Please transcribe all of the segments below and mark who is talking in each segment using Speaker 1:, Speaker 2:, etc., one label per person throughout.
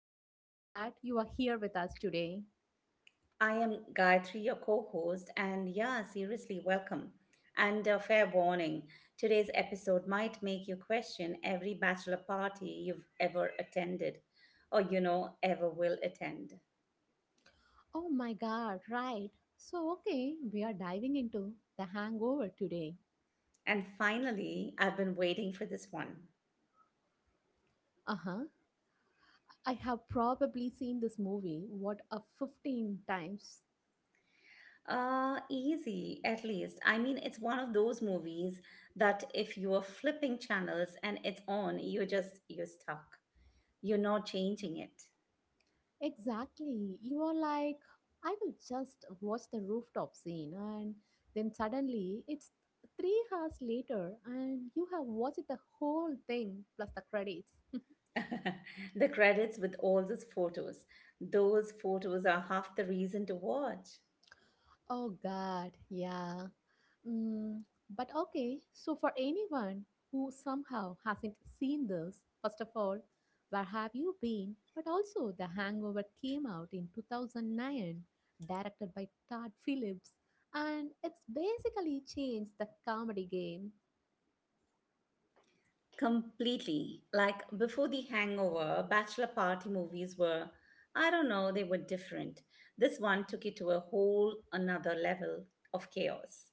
Speaker 1: I am so glad you are here with us today.
Speaker 2: I am Gayatri, your co host, and yeah, seriously, welcome. And a fair warning, today's episode might make you question every bachelor party you've ever attended or, ever will attend.
Speaker 1: Oh my god, right. So okay, we are diving into The Hangover today.
Speaker 2: And finally, I've been waiting for this one.
Speaker 1: Uh huh. I have probably seen this movie, what, a 15 times.
Speaker 2: Easy, at least. I mean, it's one of those movies that if you are flipping channels and it's on, you're stuck. You're not changing it.
Speaker 1: Exactly. You are like, I will just watch the rooftop scene, and then suddenly it's 3 hours later, and you have watched the whole thing plus the credits.
Speaker 2: The credits with all those photos. Those photos are half the reason to watch.
Speaker 1: Oh God, yeah. Mm, but okay, so for anyone who somehow hasn't seen this, first of all, where have you been? But also, The Hangover came out in 2009, directed by Todd Phillips, and it's basically changed the comedy game.
Speaker 2: Completely. Like before the hangover, bachelor party movies were, I don't know, they were different. This one took it to a whole another level of chaos.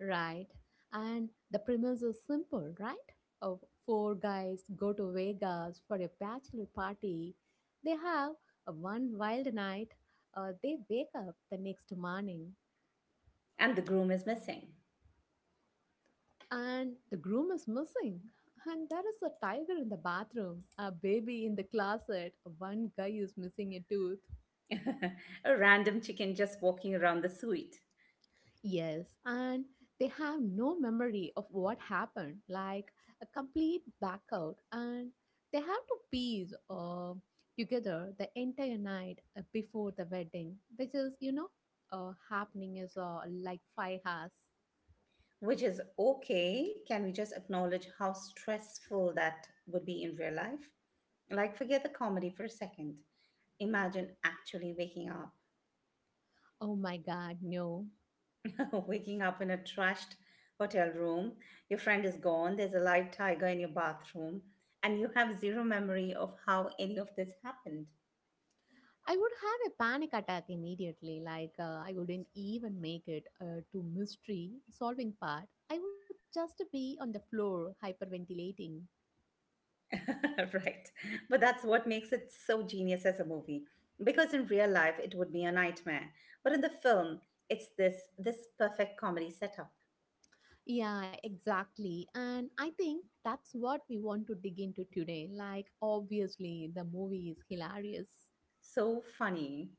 Speaker 1: Right. And the premise is simple, right? Of four guys go to Vegas for a bachelor party. They have a one wild night. They wake up the next morning
Speaker 2: And the groom is missing.
Speaker 1: and the groom is missing. And there is a tiger in the bathroom, a baby in the closet. One guy is missing a tooth.
Speaker 2: A random chicken just walking around the suite.
Speaker 1: Yes, and they have no memory of what happened, like a complete blackout, and they have to piece together the entire night before the wedding, which is, you know, happening is like 5 hours.
Speaker 2: Which is okay. Can we just acknowledge how stressful that would be in real life? Like, forget the comedy for a second. Imagine actually waking up,
Speaker 1: Oh my god, no.
Speaker 2: waking up in a trashed hotel room. Your friend is gone, there's a live tiger in your bathroom, and you have zero memory of how any of this happened.
Speaker 1: I would have a panic attack immediately, like I wouldn't even make it to mystery solving part. I would just be on the floor hyperventilating.
Speaker 2: Right. But that's what makes it so genius as a movie. Because in real life it would be a nightmare. But in the film, it's this perfect comedy setup.
Speaker 1: Yeah, exactly. And I think that's what we want to dig into today. Like, obviously, the movie is hilarious.
Speaker 2: So funny.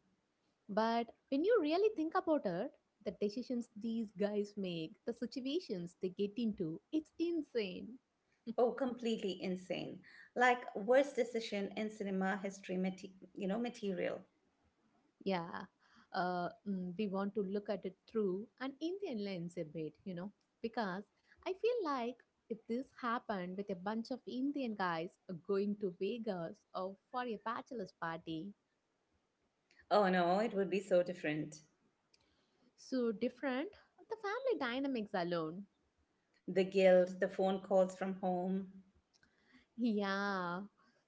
Speaker 1: But when you really think about it, the decisions these guys make, the situations they get into, it's insane.
Speaker 2: Oh, completely insane. Like worst decision in cinema history material.
Speaker 1: Yeah. We want to look at it through an Indian lens a bit, you know, because I feel like if this happened with a bunch of Indian guys going to Vegas or for a bachelor's party,
Speaker 2: Oh no, it would be so different.
Speaker 1: so different. The family dynamics alone.
Speaker 2: The guilt, the phone calls from home.
Speaker 1: Yeah.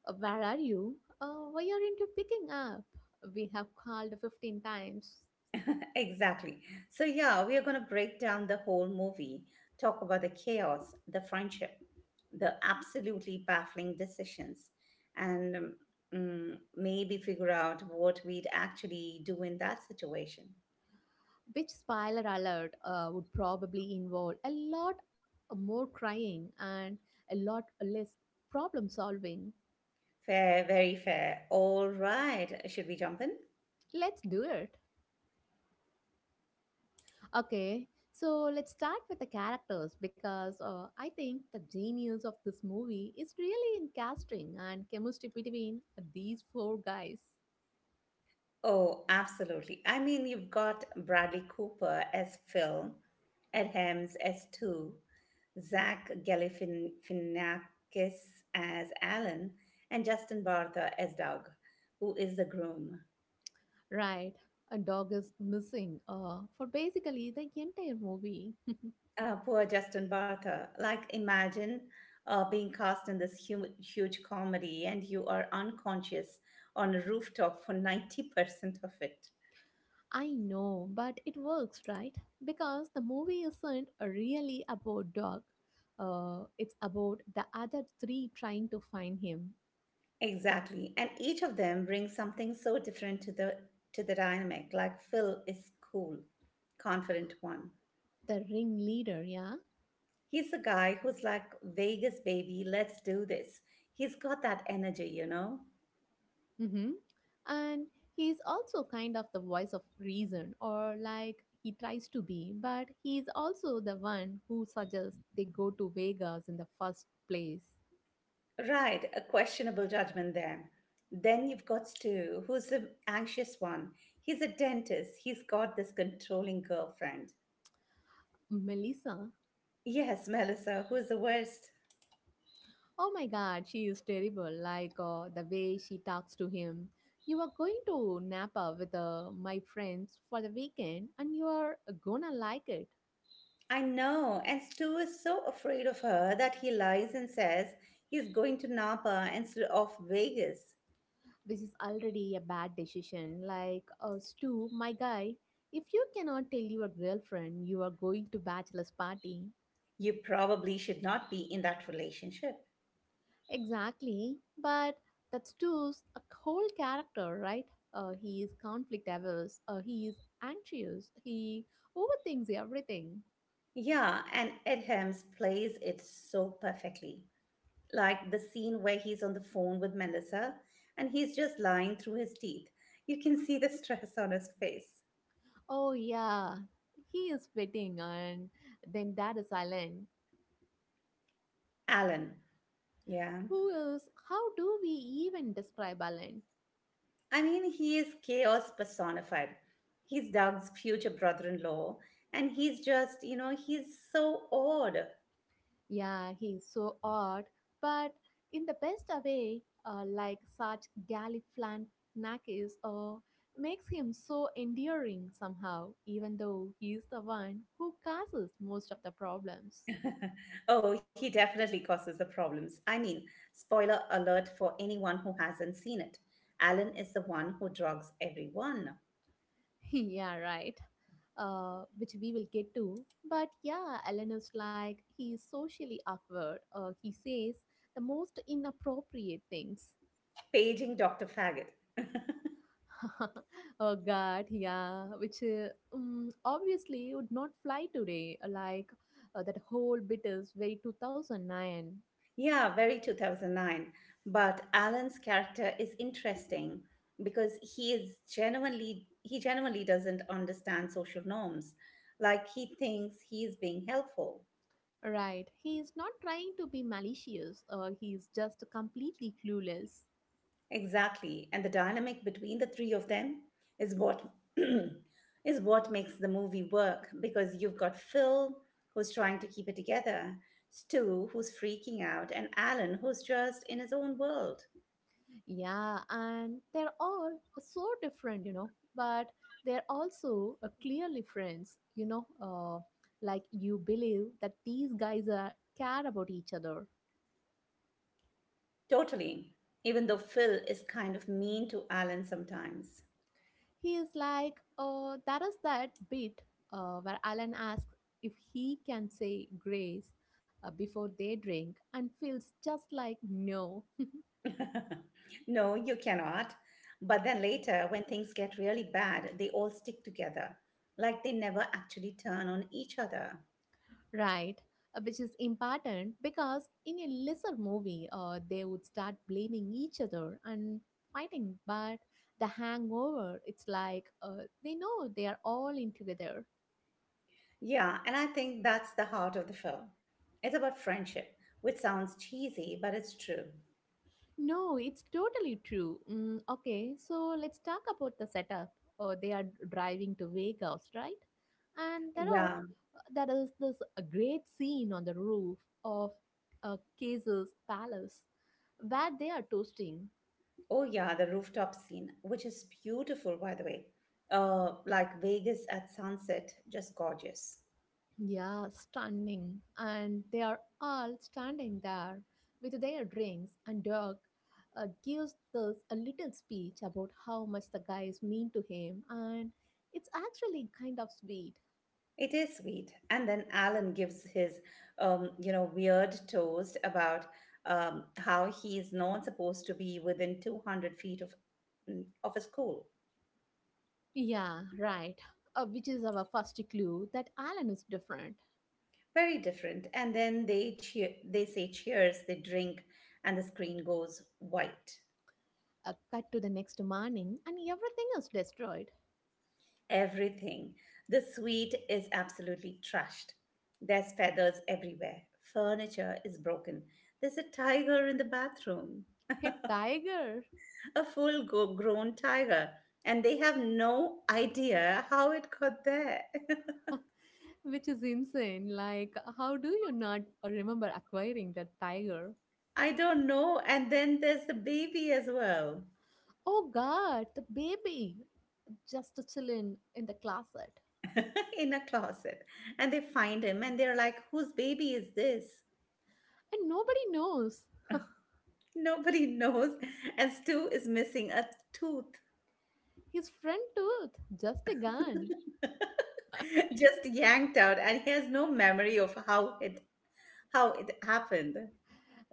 Speaker 1: Where are you? Why are you picking up? We have called 15 times.
Speaker 2: Exactly. So, yeah, we are going to break down the whole movie, talk about the chaos, the friendship, the absolutely baffling decisions, and maybe figure out what we'd actually do in that situation.
Speaker 1: Which spoiler alert would probably involve a lot more crying and a lot less problem solving.
Speaker 2: Fair, very fair. All right. Should we jump in?
Speaker 1: Let's do it. Okay. So let's start with the characters because I think the genius of this movie is really in casting and chemistry between these four guys.
Speaker 2: Oh, absolutely. I mean, you've got Bradley Cooper as Phil, Ed Helms as Stu, Zach Galifianakis as Alan, and Justin Bartha as Doug, who is the groom.
Speaker 1: Right, a dog is missing for basically the entire movie.
Speaker 2: Poor Justin Bartha. Like, imagine being cast in this huge comedy and you are unconscious on a rooftop for 90% of it.
Speaker 1: I know, but it works, right? Because the movie isn't really about dog. It's about the other three trying to find him.
Speaker 2: Exactly. And each of them brings something so different to the dynamic. Like Phil is cool, confident one.
Speaker 1: The ringleader, yeah?
Speaker 2: He's the guy who's like Vegas baby, let's do this. He's got that energy, you know?
Speaker 1: Mm-hmm. And he's also kind of the voice of reason, or like he tries to be, but he's also the one who suggests they go to Vegas in the first place.
Speaker 2: Right, a questionable judgment there. Then you've got Stu, who's the anxious one. He's a dentist. He's got this controlling girlfriend.
Speaker 1: Melissa.
Speaker 2: Yes, Melissa, who's the worst.
Speaker 1: Oh my god, she is terrible. Like the way she talks to him. You are going to Napa with my friends for the weekend and you are gonna like it.
Speaker 2: I know, and Stu is so afraid of her that he lies and says he's going to Napa instead of Vegas.
Speaker 1: This is already a bad decision. Like, Stu, my guy, if you cannot tell your girlfriend you are going to bachelor's party,
Speaker 2: You probably should not be in that relationship.
Speaker 1: exactly. But that's Stu's a whole character, right? He is conflict averse. He is anxious. He overthinks everything.
Speaker 2: Yeah, and Ed Helms plays it so perfectly. Like the scene where he's on the phone with Melissa and he's just lying through his teeth. You can see the stress on his face.
Speaker 1: Oh, yeah, he is waiting, and then that is Alan.
Speaker 2: Alan. Yeah.
Speaker 1: Who is, how do we even describe Alan?
Speaker 2: I mean, he is chaos personified. He's Doug's future brother in law, and he's just, he's so odd.
Speaker 1: Yeah, he's so odd, but in the best way, like such Galifianakis, makes him so endearing somehow, even though he is the one who causes most of the problems.
Speaker 2: Oh, he definitely causes the problems. I mean, spoiler alert for anyone who hasn't seen it. Alan is the one who drugs everyone,
Speaker 1: Yeah, right. Which we will get to. But yeah, Eleanor's like, he's socially awkward. He says the most inappropriate things.
Speaker 2: paging Dr. Faggot.
Speaker 1: Oh god, yeah, which obviously would not fly today, like that whole bit is very 2009.
Speaker 2: Yeah, very 2009. But Alan's character is interesting because he genuinely doesn't understand social norms. Like he thinks he is being helpful.
Speaker 1: Right, he is not trying to be malicious, he is just completely clueless.
Speaker 2: Exactly. And the dynamic between the three of them is what is what makes the movie work because you've got Phil who's trying to keep it together, Stu who's freaking out, and Alan who's just in his own world.
Speaker 1: Yeah, and they're all so different, you know, but they're also clearly friends, you know, like you believe that these guys are care about each other.
Speaker 2: Totally. Even though Phil is kind of mean to Alan sometimes.
Speaker 1: He is like, oh, that is that bit where Alan asks if he can say grace before they drink and feels just like no.
Speaker 2: No, you cannot. But then later, when things get really bad, they all stick together, like they never actually turn on each other.
Speaker 1: Right, which is important because in a lesser movie, they would start blaming each other and fighting. But the hangover, it's like they know they are all in together.
Speaker 2: Yeah, and I think that's the heart of the film. It's about friendship, which sounds cheesy, but it's true.
Speaker 1: No, it's totally true. Mm, okay, so let's talk about the setup. They are driving to Vegas, right? And there are
Speaker 2: Yeah.
Speaker 1: uh, there is this great scene on the roof of Caesar's palace where they are toasting.
Speaker 2: Oh, yeah, the rooftop scene, which is beautiful, by the way. Like Vegas at sunset, just gorgeous.
Speaker 1: Yeah, stunning. And they are all standing there with their drinks, and Dirk gives this a little speech about how much the guys mean to him, and it's actually kind of sweet.
Speaker 2: It is sweet. And then Alan gives his weird toast about how he is not supposed to be within 200 feet of a school.
Speaker 1: Yeah, right. Which is our first clue that Alan is different.
Speaker 2: Very different. And then they cheer, they say cheers, they drink, and the screen goes white.
Speaker 1: A cut to the next morning, and everything is destroyed.
Speaker 2: Everything. The suite is absolutely trashed. There's feathers everywhere. Furniture is broken. There's a tiger in the bathroom.
Speaker 1: A tiger,
Speaker 2: A full grown tiger, and they have no idea how it got there.
Speaker 1: which is insane. Like, how do you not remember acquiring that tiger?
Speaker 2: I don't know. And then there's the baby as well.
Speaker 1: Oh God, the baby. Just to chill in the closet.
Speaker 2: In a closet, and they find him and they're like, whose baby is this?
Speaker 1: And nobody knows.
Speaker 2: Nobody knows. And Stu is missing a tooth,
Speaker 1: His front tooth just a gun,
Speaker 2: just yanked out, and he has no memory of how it happened.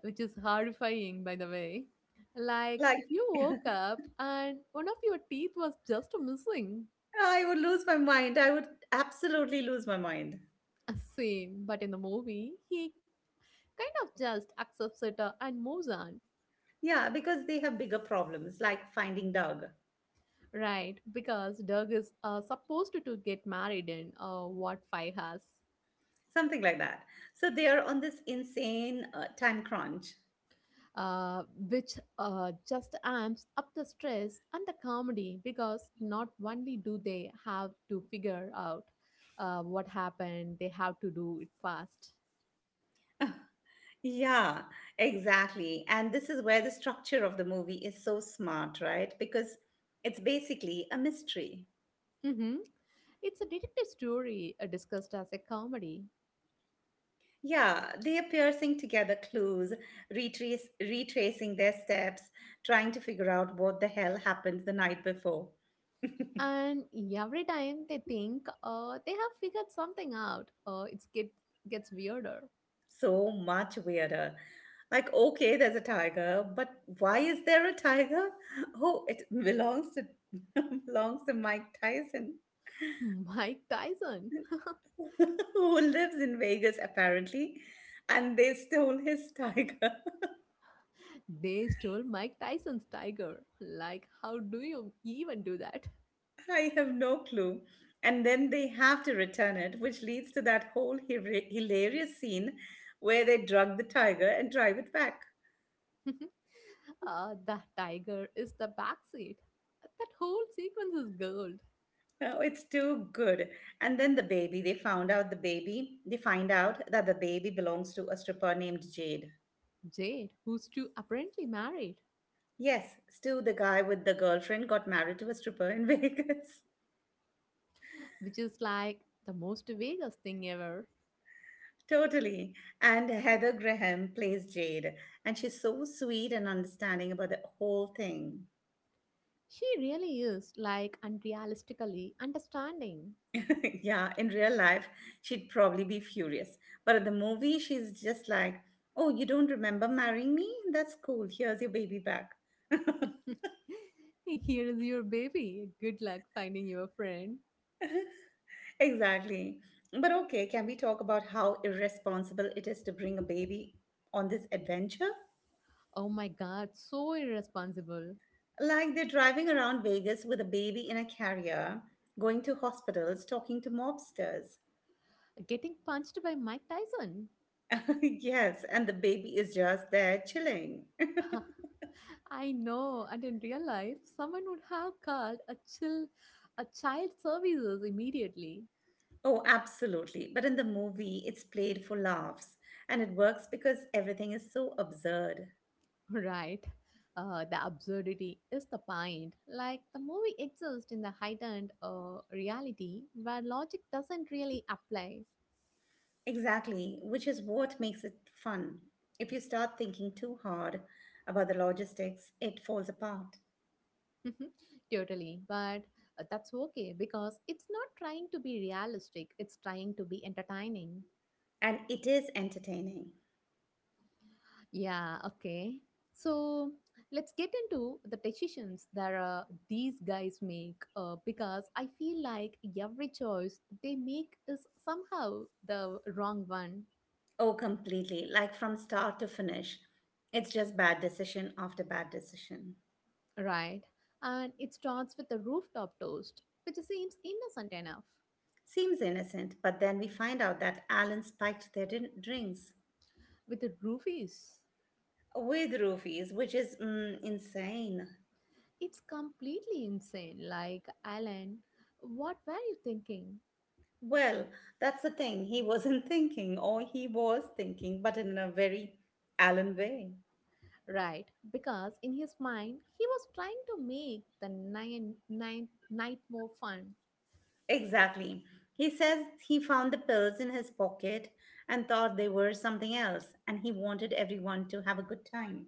Speaker 1: which is horrifying, by the way. Like
Speaker 2: Like
Speaker 1: if you woke up and one of your teeth was just missing,
Speaker 2: I would lose my mind. I would absolutely lose my mind.
Speaker 1: Same. But in the movie, he kind of just accepts it and moves on.
Speaker 2: Yeah, because they have bigger problems like finding Doug,
Speaker 1: Right, because Doug is supposed to get married in what five has.
Speaker 2: something like that. So they are on this insane time crunch.
Speaker 1: uh, which just amps up the stress and the comedy because not only do they have to figure out what happened, they have to do it fast.
Speaker 2: Yeah, exactly. And this is where the structure of the movie is so smart, right? Because it's basically a mystery.
Speaker 1: Hmm, it's a detective story discussed as a comedy.
Speaker 2: Yeah, they are piercing together clues, retracing their steps, trying to figure out what the hell happened the night before.
Speaker 1: And every time they think they have figured something out, gets weirder.
Speaker 2: So much weirder. Like, okay, there's a tiger, but why is there a tiger? Oh, it belongs to belongs to Mike Tyson,
Speaker 1: Mike Tyson.
Speaker 2: who lives in Vegas apparently, and they stole his tiger.
Speaker 1: They stole Mike Tyson's tiger. Like, how do you even do that?
Speaker 2: I have no clue. And then they have to return it, which leads to that whole hilarious scene where they drug the tiger and drive it back.
Speaker 1: That tiger is the backseat. That whole sequence is gold.
Speaker 2: Oh, it's too good. And then the baby, they find out that the baby belongs to a stripper named Jade.
Speaker 1: Jade, who's too apparently married,
Speaker 2: Yes, Stu, the guy with the girlfriend, got married to a stripper in Vegas.
Speaker 1: which is like the most Vegas thing ever.
Speaker 2: Totally. And Heather Graham plays Jade, and she's so sweet and understanding about the whole thing.
Speaker 1: She really is like unrealistically understanding.
Speaker 2: Yeah, in real life, she'd probably be furious. But at the movie, she's just like, oh, you don't remember marrying me? That's cool. Here's your baby back.
Speaker 1: Here is your baby. Good luck finding your friend.
Speaker 2: Exactly. But okay, can we talk about how irresponsible it is to bring a baby on this adventure?
Speaker 1: Oh my god, so irresponsible.
Speaker 2: Like they're driving around Vegas with a baby in a carrier, going to hospitals, talking to mobsters.
Speaker 1: Getting punched by Mike Tyson.
Speaker 2: Yes, and the baby is just there chilling.
Speaker 1: I know, and in real life, someone would have called a child services immediately,
Speaker 2: Oh, absolutely. But in the movie, it's played for laughs and it works because everything is so absurd.
Speaker 1: right? The absurdity is the point. Like the movie exists in the heightened reality where logic doesn't really apply.
Speaker 2: Exactly, which is what makes it fun. If you start thinking too hard about the logistics, it falls apart.
Speaker 1: Totally, but that's okay because it's not trying to be realistic. It's trying to be entertaining.
Speaker 2: And it is entertaining.
Speaker 1: Yeah, okay. So let's get into the decisions that these guys make because I feel like every choice they make is somehow the wrong one,
Speaker 2: Oh, completely. Like from start to finish, it's just bad decision after bad decision.
Speaker 1: right? And it starts with the rooftop toast, which seems innocent enough.
Speaker 2: Seems innocent, but then we find out that Alan spiked their drinks
Speaker 1: With the roofies,
Speaker 2: with roofies, which is insane.
Speaker 1: it's completely insane. Like, Alan, what were you thinking?
Speaker 2: Well, that's the thing. He wasn't thinking, or he was thinking, but in a very Alan way.
Speaker 1: Right, because in his mind, he was trying to make the ninth night more fun,
Speaker 2: Exactly. He says he found the pills in his pocket and thought they were something else, and he wanted everyone to have a good time.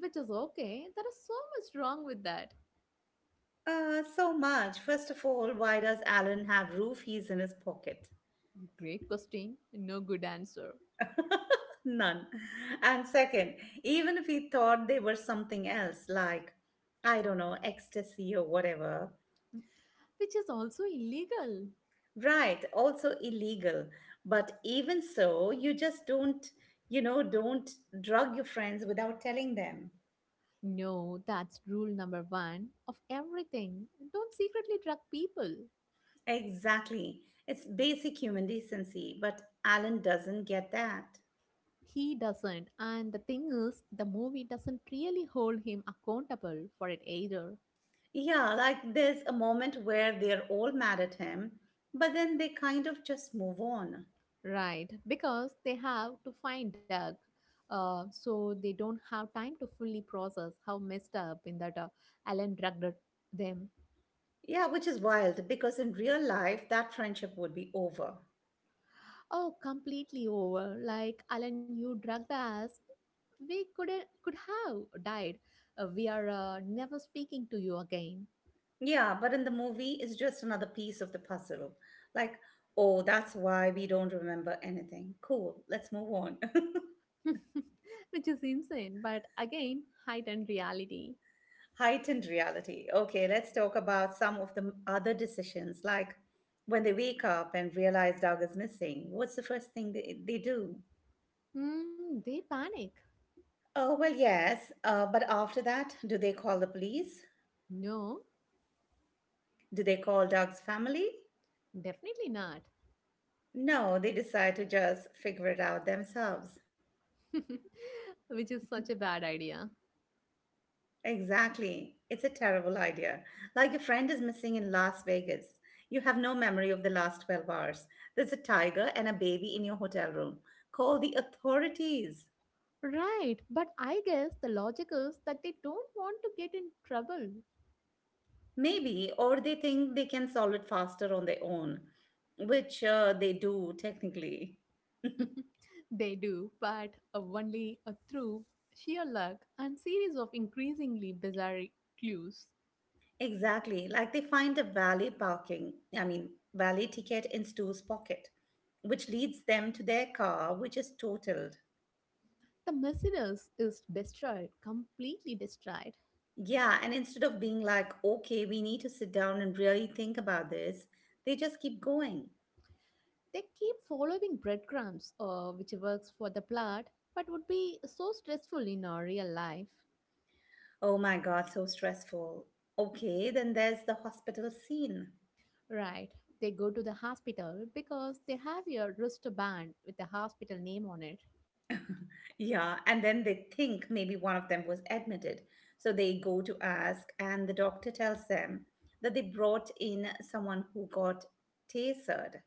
Speaker 1: which is okay. There is so much wrong with that.
Speaker 2: So much. First of all, why does Alan have roofies in his pocket?
Speaker 1: Great question, no good answer,
Speaker 2: None. And second, even if he thought they were something else, like, I don't know, ecstasy or whatever,
Speaker 1: which is also illegal.
Speaker 2: right, also illegal. But even so, you know, don't drug your friends without telling them.
Speaker 1: No, that's rule number one of everything. Don't secretly drug people.
Speaker 2: Exactly. It's basic human decency, but Alan doesn't get that.
Speaker 1: He doesn't, and the thing is, the movie doesn't really hold him accountable for it either.
Speaker 2: Yeah, like there's a moment where they're all mad at him, but then they kind of just move on.
Speaker 1: Right, because they have to find Doug, so they don't have time to fully process how messed up in that Alan drugged them.
Speaker 2: Yeah, which is wild because in real life, that friendship would be over.
Speaker 1: Oh, completely over. Like Alan, you drugged us. We could have died. We are never speaking to you again,
Speaker 2: Yeah, but in the movie, it's just another piece of the puzzle. Like, oh, that's why we don't remember anything. Cool, let's move on.
Speaker 1: which is insane. But again, heightened reality.
Speaker 2: Heightened reality. Okay, let's talk about some of the other decisions, like when they wake up and realize dog is missing. What's the first thing they do?
Speaker 1: Hmm, they panic.
Speaker 2: Oh, well, yes, but after that, do they call the police?
Speaker 1: No,
Speaker 2: Do they call dog's family?
Speaker 1: definitely not.
Speaker 2: No, they decide to just figure it out themselves.
Speaker 1: Which is such a bad idea.
Speaker 2: Exactly. It's a terrible idea. Like your friend is missing in Las Vegas. You have no memory of the last 12 hours. There's a tiger and a baby in your hotel room. Call the authorities.
Speaker 1: Right, but I guess the logic is that they don't want to get in trouble.
Speaker 2: Maybe, or they think they can solve it faster on their own, which they do technically.
Speaker 1: They do, but only through sheer luck and series of increasingly bizarre clues.
Speaker 2: Exactly, like they find a valet parking, I mean, valet ticket in Stu's pocket, which leads them to their car, which is totaled.
Speaker 1: The Mercedes is destroyed, completely destroyed.
Speaker 2: Yeah, and instead of being like, okay, we need to sit down and really think about this, they just keep going.
Speaker 1: They keep following breadcrumbs, which works for the plot, but would be so stressful in our real life.
Speaker 2: Oh my God, so stressful. Okay, then there's the hospital scene.
Speaker 1: Right, they go to the hospital because they have a wristband with the hospital name on it.
Speaker 2: Yeah, and then they think maybe one of them was admitted. So they go to ask, and the doctor tells them that they brought in someone who got tasered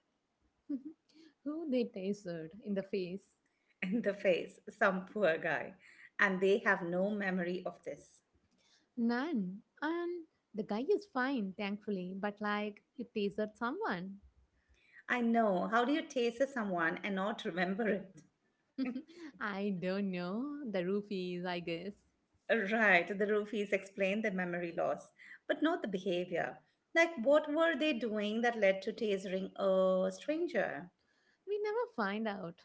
Speaker 1: Who they tasered in the face?
Speaker 2: in the face, some poor guy, and they have no memory of this.
Speaker 1: None. And the guy is fine, thankfully, but like you tasered someone.
Speaker 2: I know. How do you taser someone and not remember it?
Speaker 1: I don't know. The roofies, I guess.
Speaker 2: Right, the roofies explain the memory loss, but not the behavior. Like, what were they doing that led to tasering a stranger?
Speaker 1: We never find out.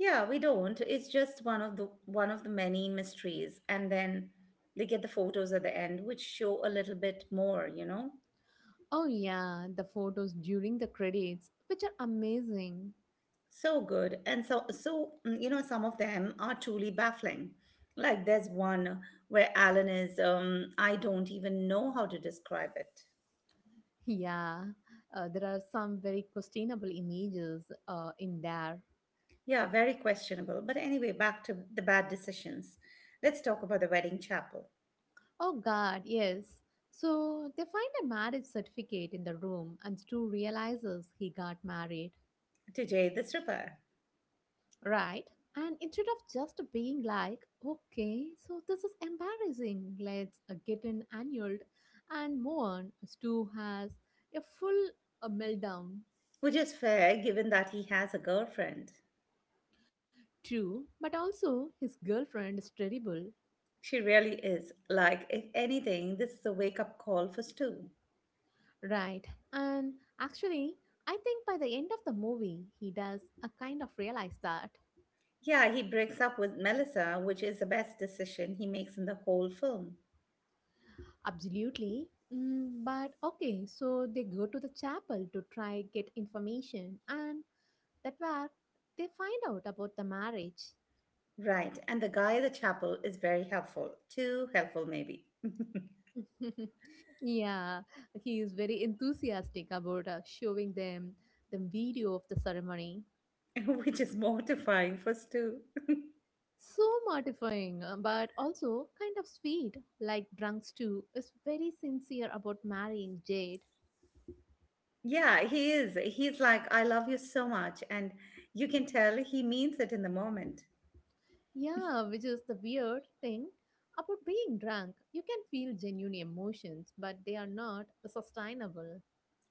Speaker 2: Yeah, we don't. It's just one of the many mysteries. And then they get the photos at the end which show a little bit more, you know.
Speaker 1: Oh, yeah, the photos during the credits, which are amazing.
Speaker 2: So good. And some of them are truly baffling. Like there's one where Alan is I don't even know how to describe it.
Speaker 1: Yeah, there are some very questionable images in there.
Speaker 2: Yeah, very questionable. But anyway, back to the bad decisions. Let's talk about the wedding chapel.
Speaker 1: Oh, God, yes. So they find a marriage certificate in the room, and Stu realizes he got married.
Speaker 2: To Jay the stripper,
Speaker 1: Right. And instead of just being like, okay, so this is embarrassing, let's get an annulled and move on, Stu has a full meltdown
Speaker 2: which is fair given that he has a girlfriend.
Speaker 1: too, but also his girlfriend is terrible.
Speaker 2: She really is. Like, if anything, this is a wake up call for Stu.
Speaker 1: Right. And actually, I think by the end of the movie, he does a kind of realize that.
Speaker 2: Yeah, he breaks up with Melissa, which is the best decision he makes in the whole film.
Speaker 1: Absolutely. Mm, but okay, so they go to the chapel to try get information and that where they find out about the marriage.
Speaker 2: Right, and the guy at the chapel is very helpful. Too helpful, maybe.
Speaker 1: Yeah, he is very enthusiastic about showing them the video of the ceremony.
Speaker 2: Which is mortifying for Stu.
Speaker 1: So mortifying, but also kind of sweet. Like Drunks too is very sincere about marrying Jade.
Speaker 2: Yeah, he is. He's like, I love you so much. And you can tell he means it in the moment.
Speaker 1: Yeah, which is the weird thing about being drunk. You can feel genuine emotions, but they are not sustainable.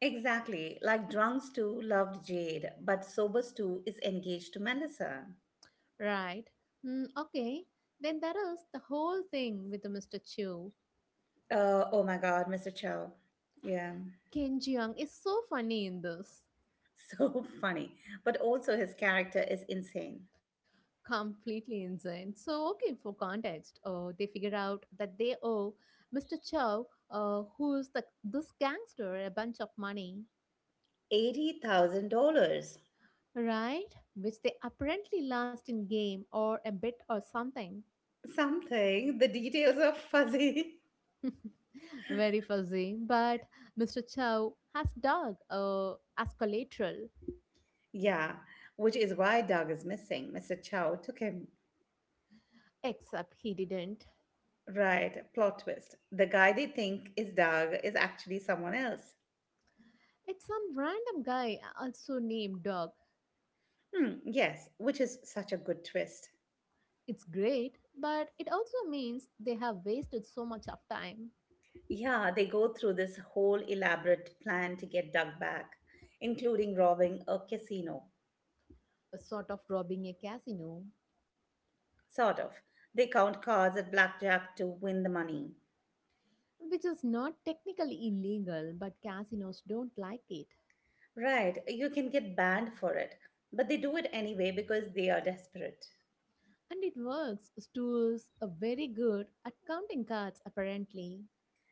Speaker 2: Exactly. Like, drunk Stu loved Jade, but sober Stu is engaged to Melissa.
Speaker 1: Right. Mm, okay. Then that is the whole thing with Mr. Chu.
Speaker 2: Oh my God, Mr. Chow. Yeah,
Speaker 1: Ken Jeong is so funny in this.
Speaker 2: so funny. But also, his character is insane.
Speaker 1: Completely insane. So, okay, for context, they figure out that they owe Mr. Chow, who is this gangster, a bunch of money,
Speaker 2: $80,000.
Speaker 1: right? Which they apparently lost in game or a bit or something.
Speaker 2: Something, the details are fuzzy.
Speaker 1: Very fuzzy. But Mr. Chow has dog as collateral,
Speaker 2: Yeah, which is why Doug is missing. Mr. Chow took him.
Speaker 1: except he didn't.
Speaker 2: Right, plot twist. The guy they think is Doug is actually someone else.
Speaker 1: It's some random guy also named Dog.
Speaker 2: Hmm, yes, which is such a good twist.
Speaker 1: It's great, but it also means they have wasted so much of time.
Speaker 2: Yeah, they go through this whole elaborate plan to get Doug back, including robbing a casino.
Speaker 1: A sort of robbing a casino,
Speaker 2: Sort of. They count cards at blackjack to win the money.
Speaker 1: which is not technically illegal, but casinos don't like it.
Speaker 2: Right, you can get banned for it, but they do it anyway because they are desperate.
Speaker 1: And it works. Stools are very good at counting cards, apparently.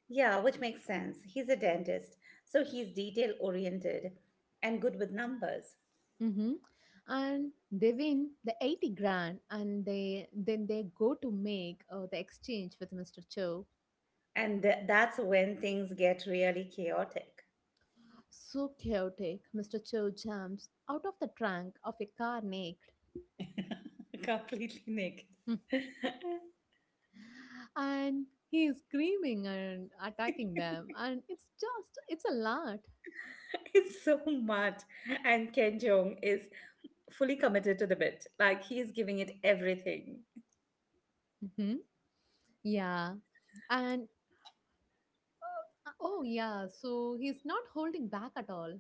Speaker 2: Yeah, which makes sense. He's a dentist, so he's detail oriented and good with numbers.
Speaker 1: Hmm. And they win the 80 grand, and they then they go to make the exchange with Mr. Cho.
Speaker 2: And that's when things get really chaotic.
Speaker 1: So chaotic, Mr. Cho jumps out of the trunk of a car naked.
Speaker 2: Completely naked.
Speaker 1: And he is screaming and attacking them and it's just it's a lot.
Speaker 2: It's so mad. And Ken Jong is fully committed to the bit. Like, he's giving it everything.
Speaker 1: Hmm. Yeah. And oh yeah so he's not holding back at all.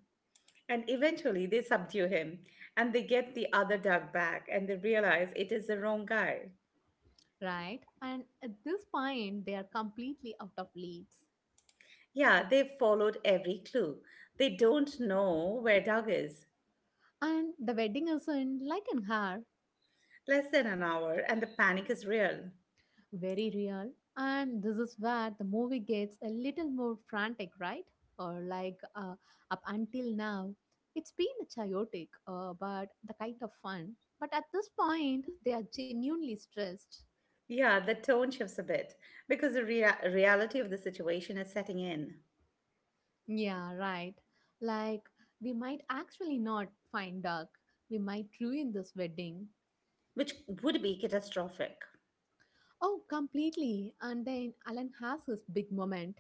Speaker 2: And eventually they subdue him and they get the other dog back and they realize it is the wrong guy.
Speaker 1: Right, and at this point they are completely out of leads,
Speaker 2: Yeah, they've followed every clue. They don't know where Doug is.
Speaker 1: and the wedding isn't like in her.
Speaker 2: Less than an hour and the panic is real.
Speaker 1: Very real. And this is where the movie gets a little more frantic, right? or like Up until now it's been chaotic, but the kind of fun, but at this point they are genuinely stressed.
Speaker 2: Yeah, the tone shifts a bit because the reality of the situation is setting in,
Speaker 1: Yeah, right, like we might actually not find Doug. We might ruin this wedding.
Speaker 2: which would be catastrophic.
Speaker 1: Oh, completely. And then Alan has his big moment.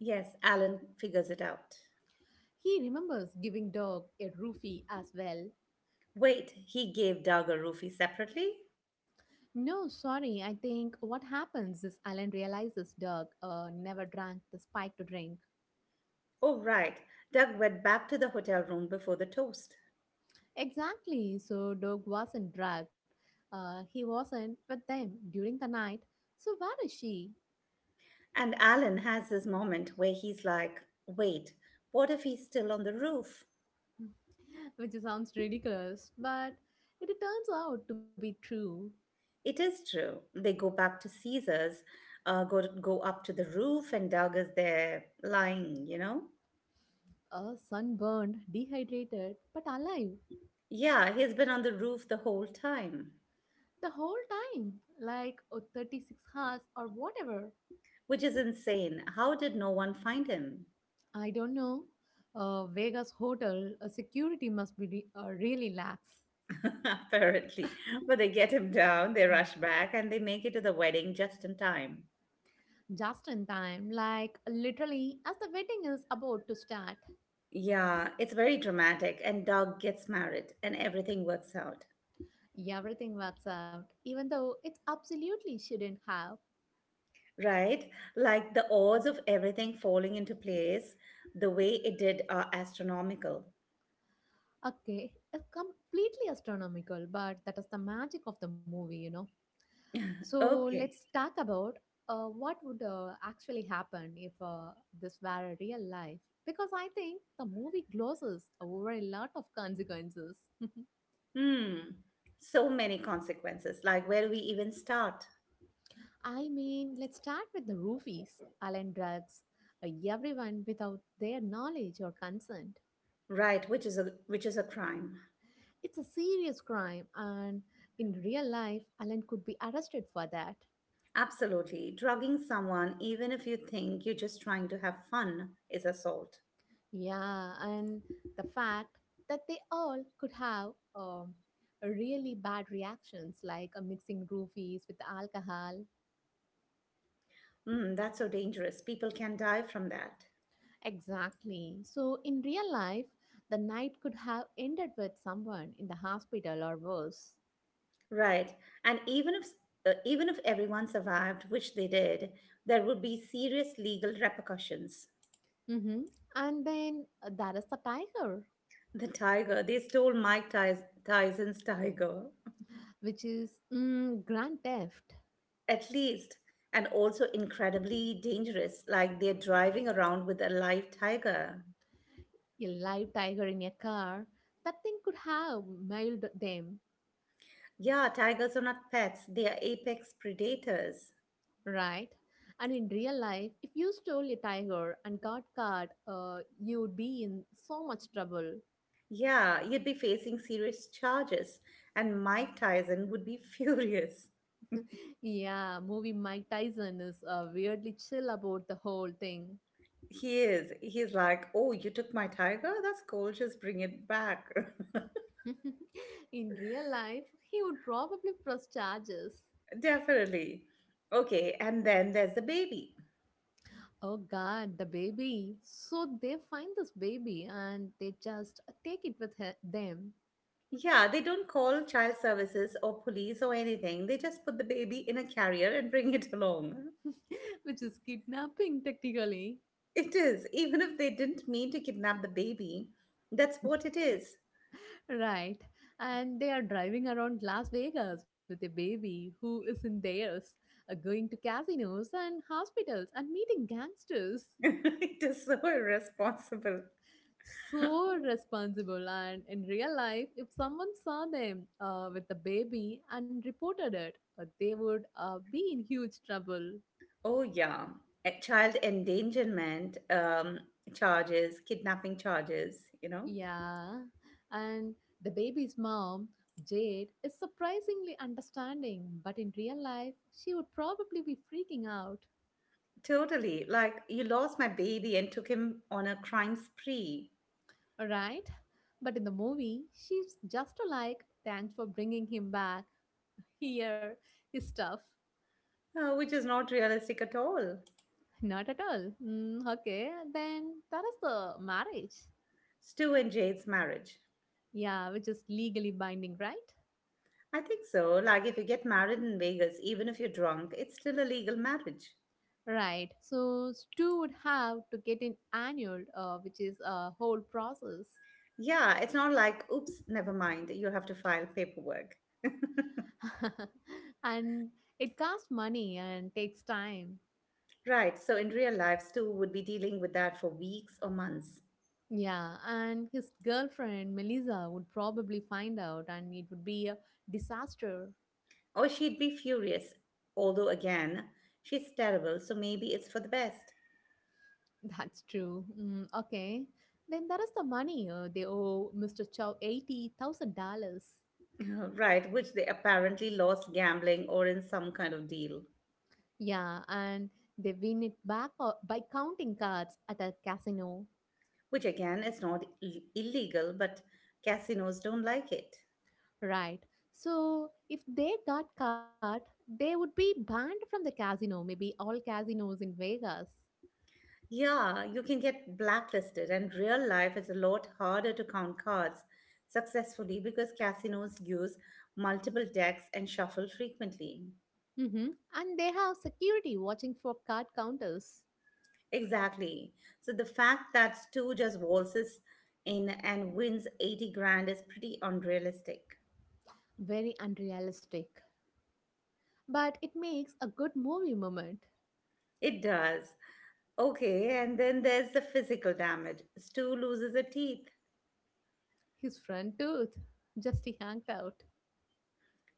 Speaker 2: Yes, Alan figures it out.
Speaker 1: He remembers giving Doug a roofie as well.
Speaker 2: Wait, he gave Doug a roofie separately?
Speaker 1: No, sorry. I think what happens is Alan realizes Doug never drank the spike to drink.
Speaker 2: Oh, right. Doug went back to the hotel room before the toast.
Speaker 1: Exactly. So Doug wasn't drugged. He wasn't with them during the night. So where is she?
Speaker 2: And Alan has this moment where he's like, wait, what if he's still on the roof?
Speaker 1: Which sounds ridiculous, but it turns out to be true.
Speaker 2: It is true. They go back to Caesar's, go up to the roof, and Doug is there lying, you know?
Speaker 1: Sunburned, dehydrated, but alive
Speaker 2: Yeah, he's been on the roof the whole time,
Speaker 1: the whole time, like oh, 36 hours or whatever.
Speaker 2: which is insane. How did no one find him?
Speaker 1: I don't know. Vegas hotel security must be really lax.
Speaker 2: Apparently. But they get him down, they
Speaker 1: Mm.
Speaker 2: rush back, and they make it to the wedding just in time.
Speaker 1: Just in time, like literally, as the wedding is about to start,
Speaker 2: Yeah, it's very dramatic, and Doug gets married, and everything works out.
Speaker 1: everything works out, even though it absolutely shouldn't have.
Speaker 2: Right? Like the odds of everything falling into place the way it did are astronomical.
Speaker 1: Okay, it's completely astronomical, but that is the magic of the movie, you know. So
Speaker 2: Okay.
Speaker 1: let's talk about what would actually happen if this were a real life. Because I think the movie glosses over a lot of consequences.
Speaker 2: Hmm. So many consequences. Like where do we even start?
Speaker 1: I mean, let's start with the roofies, Allen drugs, everyone without their knowledge or consent.
Speaker 2: Right, which is a crime.
Speaker 1: It's a serious crime, and in real life, Allen could be arrested for that.
Speaker 2: Absolutely. Drugging someone even if you think you're just trying to have fun is assault.
Speaker 1: Yeah, and the fact that they all could have really bad reactions, like mixing roofies with alcohol.
Speaker 2: Hmm, that's so dangerous. People can die from that.
Speaker 1: Exactly. So, in real life, the night could have ended with someone in the hospital or worse.
Speaker 2: Right. And even if everyone survived, which they did, there would be serious legal repercussions.
Speaker 1: Hmm. And then there is the tiger,
Speaker 2: The tiger. They stole Tyson's tiger,
Speaker 1: which is mm, grand theft.
Speaker 2: at least, and also incredibly dangerous, like they're driving around with a live tiger.
Speaker 1: A live tiger in a car, that thing could have mailed them.
Speaker 2: Yeah, tigers are not pets, they are apex predators.
Speaker 1: Right. And in real life, if you stole a tiger and got caught, you would be in so much trouble.
Speaker 2: Yeah, you'd be facing serious charges, and Mike Tyson would be furious.
Speaker 1: Yeah, movie Mike Tyson is weirdly chill about the whole thing.
Speaker 2: He is. He's like, oh, you took my tiger? That's cool. Just bring it back.
Speaker 1: In real life, he would probably press charges.
Speaker 2: Definitely. Okay, and then there's the baby.
Speaker 1: Oh god, the baby. So they find this baby and they just take it with them.
Speaker 2: Yeah, they don't call child services or police or anything. They just put the baby in a carrier and bring it along.
Speaker 1: Which is kidnapping technically.
Speaker 2: It is, even if they didn't mean to kidnap the baby, that's what it is.
Speaker 1: Right. And they are driving around Las Vegas with a baby who isn't theirs, going to casinos and hospitals and meeting gangsters.
Speaker 2: It is so irresponsible.
Speaker 1: So responsible. And in real life, if someone saw them with the baby and reported it, they would be in huge trouble.
Speaker 2: Oh, yeah. Eh, child endangerment charges, kidnapping charges, you know?
Speaker 1: Yeah. And the baby's mom, Jade, is surprisingly understanding, but in real life, she would probably be freaking out.
Speaker 2: Totally. Like, you lost my baby and took him on a crime spree.
Speaker 1: Right? But in the movie, she's just like, thanks for bringing him back. Here, his stuff.
Speaker 2: Which is not realistic at all.
Speaker 1: Not at all. Mm, okay, then that is the marriage.
Speaker 2: Stu and Jade's marriage.
Speaker 1: Yeah, which is legally binding, right?
Speaker 2: I think so. Like, if you get married in Vegas, even if you're drunk, it's still a legal marriage.
Speaker 1: Right. So Stu would have to get an annual, which is a whole process.
Speaker 2: Yeah, it's not like, oops, never mind, you have to file paperwork.
Speaker 1: And it costs money and takes time.
Speaker 2: Right, so in real life, Stu would be dealing with that for weeks or months.
Speaker 1: Yeah, and his girlfriend Melissa would probably find out, and it would be a disaster.
Speaker 2: Or she'd be furious. Although, again, she's terrible, so maybe it's for the best.
Speaker 1: That's true. Mm, okay. Then there is the money. They owe Mr. Chow $80,000.
Speaker 2: Right, which they apparently lost gambling or in some kind of deal.
Speaker 1: Yeah, and they win it back by counting cards at a casino.
Speaker 2: Which again is not illegal, but casinos don't like it.
Speaker 1: Right. So if they got caught, they would be banned from the casino, maybe all casinos in Vegas.
Speaker 2: Yeah, you can get blacklisted, and real life is a lot harder to count cards successfully because casinos use multiple decks and shuffle frequently.
Speaker 1: Mm-hmm. And they have security watching for card counters.
Speaker 2: Exactly. So the fact that Stu just waltzes in and wins 80 grand is pretty unrealistic.
Speaker 1: Very unrealistic. But it makes a good movie moment.
Speaker 2: It does. Okay, and then there's the physical damage. Stu loses a teeth.
Speaker 1: His front tooth just he out.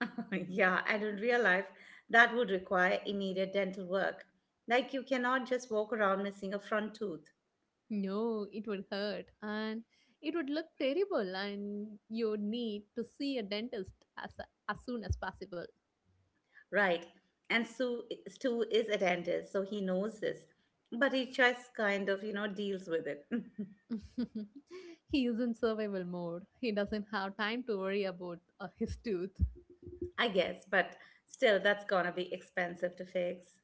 Speaker 2: Yeah, and in real life, that would require immediate dental work. Like you cannot just walk around missing a front tooth,
Speaker 1: No, it would hurt and it would look terrible, and you would need to see a as soon as possible.
Speaker 2: right? And Stu is a dentist, so he knows this, but he just kind of, you know, deals with it.
Speaker 1: He is in survival mode. He doesn't have time to worry about his tooth.
Speaker 2: I guess. But still, that's gonna be expensive to fix.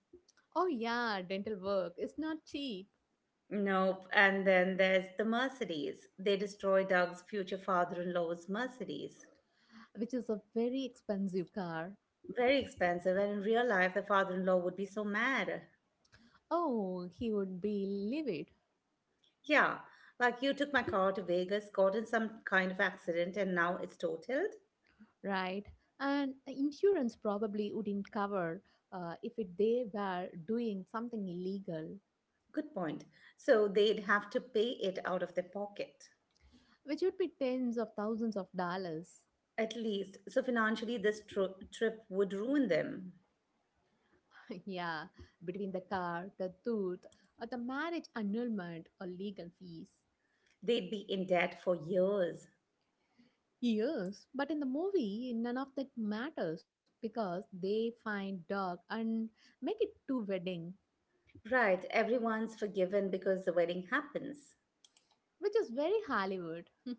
Speaker 1: Oh, yeah, dental work is not cheap,
Speaker 2: Nope. And then there's the Mercedes. They destroy Doug's future father in law's Mercedes.
Speaker 1: which is a very expensive car.
Speaker 2: Very expensive, and in real life, the father in law would be so mad.
Speaker 1: Oh, he would be livid,
Speaker 2: Yeah, like you took my car to Vegas, got in some kind of accident, and now it's totaled.
Speaker 1: right? And insurance probably wouldn't cover, if they were doing something illegal.
Speaker 2: Good point. So they'd have to pay it out of their pocket,
Speaker 1: Which would be tens of thousands of dollars.
Speaker 2: at least. So financially, this trip would ruin them.
Speaker 1: Yeah, between the car, the tooth, or the marriage annulment or legal fees.
Speaker 2: They'd be in debt for years.
Speaker 1: Yes, but in the movie, none of that matters because they find dog and make it two wedding,
Speaker 2: Right, everyone's forgiven because the wedding happens.
Speaker 1: which is very Hollywood.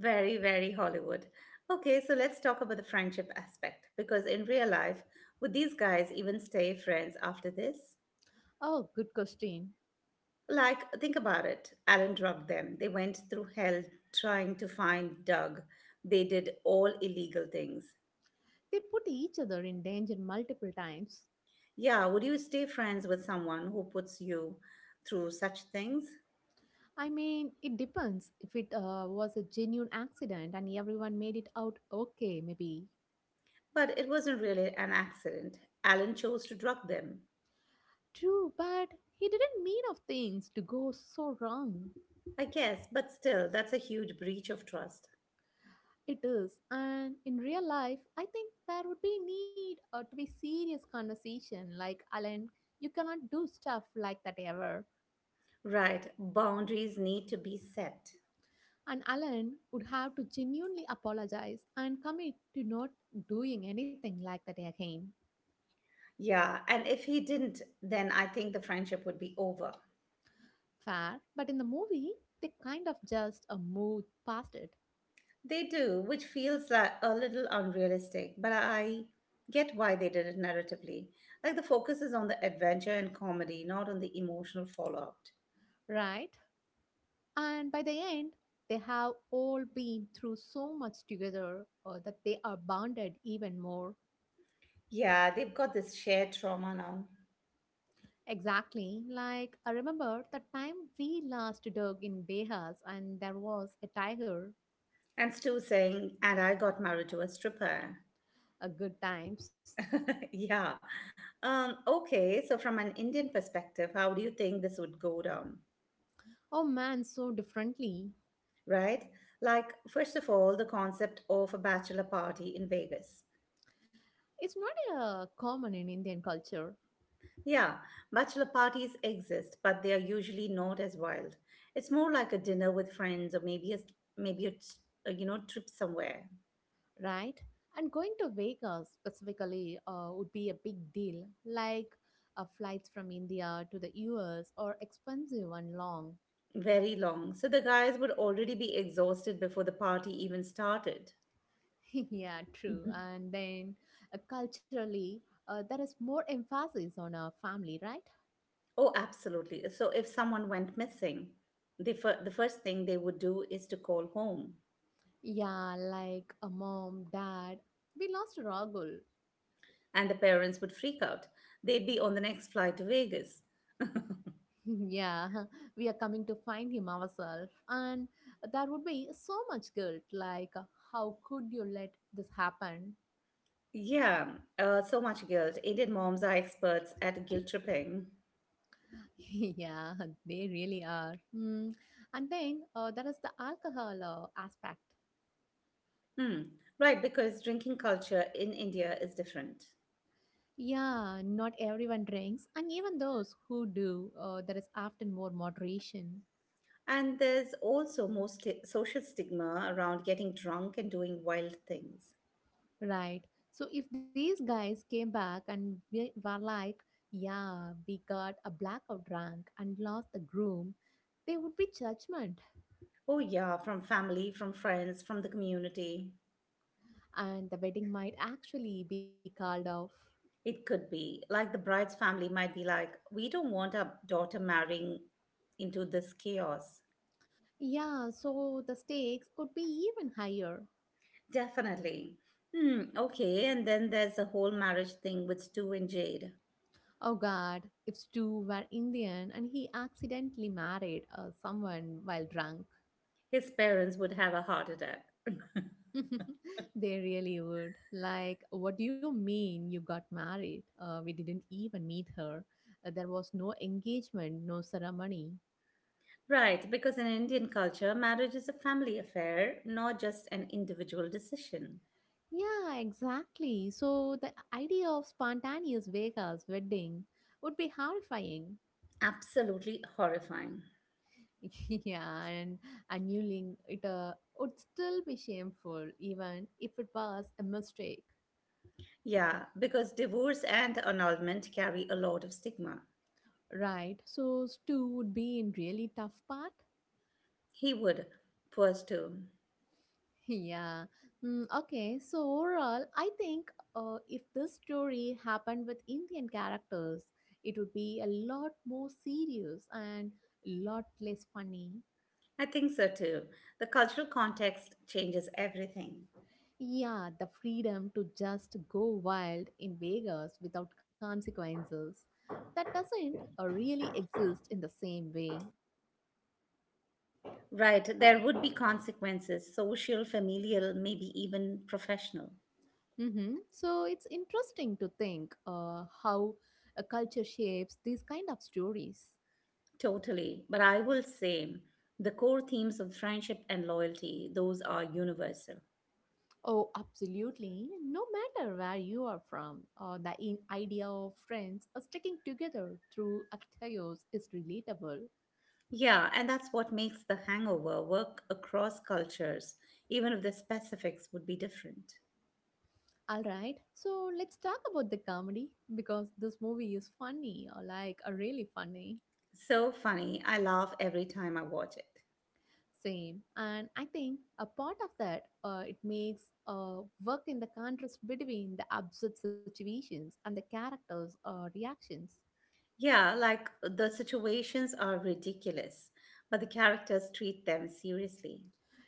Speaker 2: Very, very Hollywood. Okay, so let's talk about the friendship aspect because in real life, would these guys even stay friends after this?
Speaker 1: Oh, good question.
Speaker 2: Like, think about it. Alan drugged them. They went through hell trying to find Doug. They did all illegal things.
Speaker 1: They put each other in danger multiple times.
Speaker 2: Yeah, would you stay friends with someone who puts you through such things?
Speaker 1: I mean, it depends. If it was a genuine accident and everyone made it out okay, maybe.
Speaker 2: But it wasn't really an accident. Alan chose to drug them.
Speaker 1: True, but he didn't mean of things to go so wrong.
Speaker 2: I guess, but still, that's a huge breach of trust.
Speaker 1: It is, and in real life, I think there would be need to be serious conversation. Like Alan, you cannot do stuff like that ever.
Speaker 2: Right, boundaries need to be set.
Speaker 1: And Alan would have to genuinely apologize and commit to not doing anything like that again.
Speaker 2: Yeah, and if he didn't, then I think the friendship would be over.
Speaker 1: Fair, but in the movie, they kind of just moved past it,
Speaker 2: They do, which feels like a little unrealistic, but I get why they did it narratively. Like the focus is on the adventure and comedy, not on the emotional fallout.
Speaker 1: right? And by the end, they have all been through so much together that they are bonded even more.
Speaker 2: Yeah, they've got this shared trauma now.
Speaker 1: Exactly. Like, I remember the time we last dug in Behas and there was a tiger,
Speaker 2: And Stu saying, and I got married to a stripper.
Speaker 1: a good times.
Speaker 2: Yeah. Okay, so from an Indian perspective, how do you think this would go down?
Speaker 1: Oh man, so differently.
Speaker 2: Right? Like, first of all, the concept of a bachelor party in Vegas.
Speaker 1: It's not common in Indian culture,
Speaker 2: Yeah, bachelor parties exist, but they are usually not as wild. It's more like a dinner with friends or maybe a, you know trip somewhere
Speaker 1: right? And going to Vegas specifically would be a big deal. Like, flights from India to the US are expensive and long.
Speaker 2: very long. So the guys would already be exhausted before the party even started.
Speaker 1: Yeah, true.
Speaker 2: Mhm.
Speaker 1: And then culturally, there is more emphasis on our family, right?
Speaker 2: Oh, absolutely. So if someone went missing, the the first thing they would do is to call home,
Speaker 1: Yeah, like a mom, dad. We lost Ragul.
Speaker 2: and the parents would freak out. They'd be on the next flight to Vegas.
Speaker 1: Yeah, we are coming to find him ourselves. And there would be so much guilt like, how could you let this happen?
Speaker 2: Yeah, so much guilt. Indian moms are experts at guilt tripping.
Speaker 1: Yeah, they really are. Mm. And then there is the alcohol aspect.
Speaker 2: Hmm, right, because drinking culture in India is different.
Speaker 1: Yeah, not everyone drinks, and even those who do, there is often more moderation,
Speaker 2: And there's also more social stigma around getting drunk and doing wild things.
Speaker 1: right? So if these guys came back and we were like, "Yeah, we got a blackout drunk and lost the groom," there would be judgment,
Speaker 2: Oh, yeah, from family, from friends, from the community.
Speaker 1: and the wedding might actually be called off.
Speaker 2: It could be. Like the bride's family might be like, we don't want our daughter marrying into this chaos.
Speaker 1: Yeah, so the stakes would be even higher.
Speaker 2: Definitely. Hmm, okay, and then there's the whole marriage thing with Stu and Jade.
Speaker 1: Oh God, if Stu were Indian and he accidentally married someone while drunk.
Speaker 2: His parents would have a heart attack.
Speaker 1: They really would. Like, what do you mean you got married? We didn't even meet her. There was no engagement, no ceremony.
Speaker 2: Right, because in Indian culture, marriage is a family affair, not just an individual decision.
Speaker 1: Yeah, exactly. So the idea of spontaneous Vegas wedding would be horrifying.
Speaker 2: Absolutely horrifying.
Speaker 1: Yeah, and annulling it would still be shameful, even if it was a mistake.
Speaker 2: Yeah, because divorce and annulment carry a lot of stigma.
Speaker 1: Right. So Stu would be in really tough part.
Speaker 2: He would. Pours too.
Speaker 1: Yeah. Mm, okay. So overall, I think if this story happened with Indian characters, it would be a lot more serious and a lot less funny.
Speaker 2: I think so too. The cultural context changes everything.
Speaker 1: Yeah, the freedom to just go wild in Vegas without consequences, that doesn't really exist in the same way.
Speaker 2: Right, there would be consequences social, familial, maybe even professional.
Speaker 1: Hmm. So it's interesting to think how a culture shapes these kind of stories.
Speaker 2: Totally. But I will say the core themes of friendship and loyalty, those are universal.
Speaker 1: Oh, absolutely. No matter where you are from, idea of friends are sticking together through a chaos is relatable.
Speaker 2: Yeah, and that's what makes the hangover work across cultures, even if the specifics would be different.
Speaker 1: All right, so let's talk about the comedy because this movie is funny, or really funny.
Speaker 2: So funny, I laugh every time I watch it.
Speaker 1: Same, and I think a part of that it makes work in the contrast between the absurd situations and the characters' reactions.
Speaker 2: Yeah, like the situations are ridiculous, but the characters treat them seriously.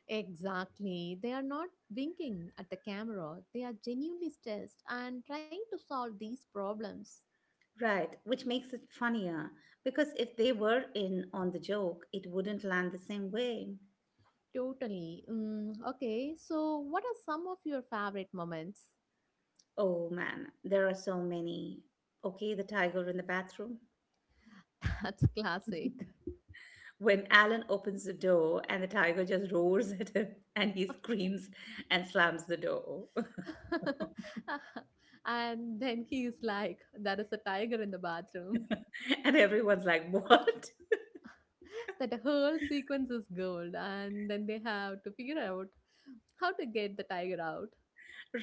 Speaker 1: Exactly. They are not winking at the camera. They are genuinely stressed and trying to solve these problems.
Speaker 2: Right, which makes it funnier, because if they were in on the joke, it wouldn't land the same way.
Speaker 1: Totally. Mm, okay, so what are some of your favorite moments?
Speaker 2: Oh man, there are so many. Okay, the tiger in the bathroom.
Speaker 1: That's classic.
Speaker 2: When Alan opens the door and the tiger just roars at him and he screams and slams the door.
Speaker 1: And then he's like, there is a tiger in the bathroom.
Speaker 2: And everyone's like, what?
Speaker 1: That whole sequence is gold. And then they have to figure out how to get the tiger out.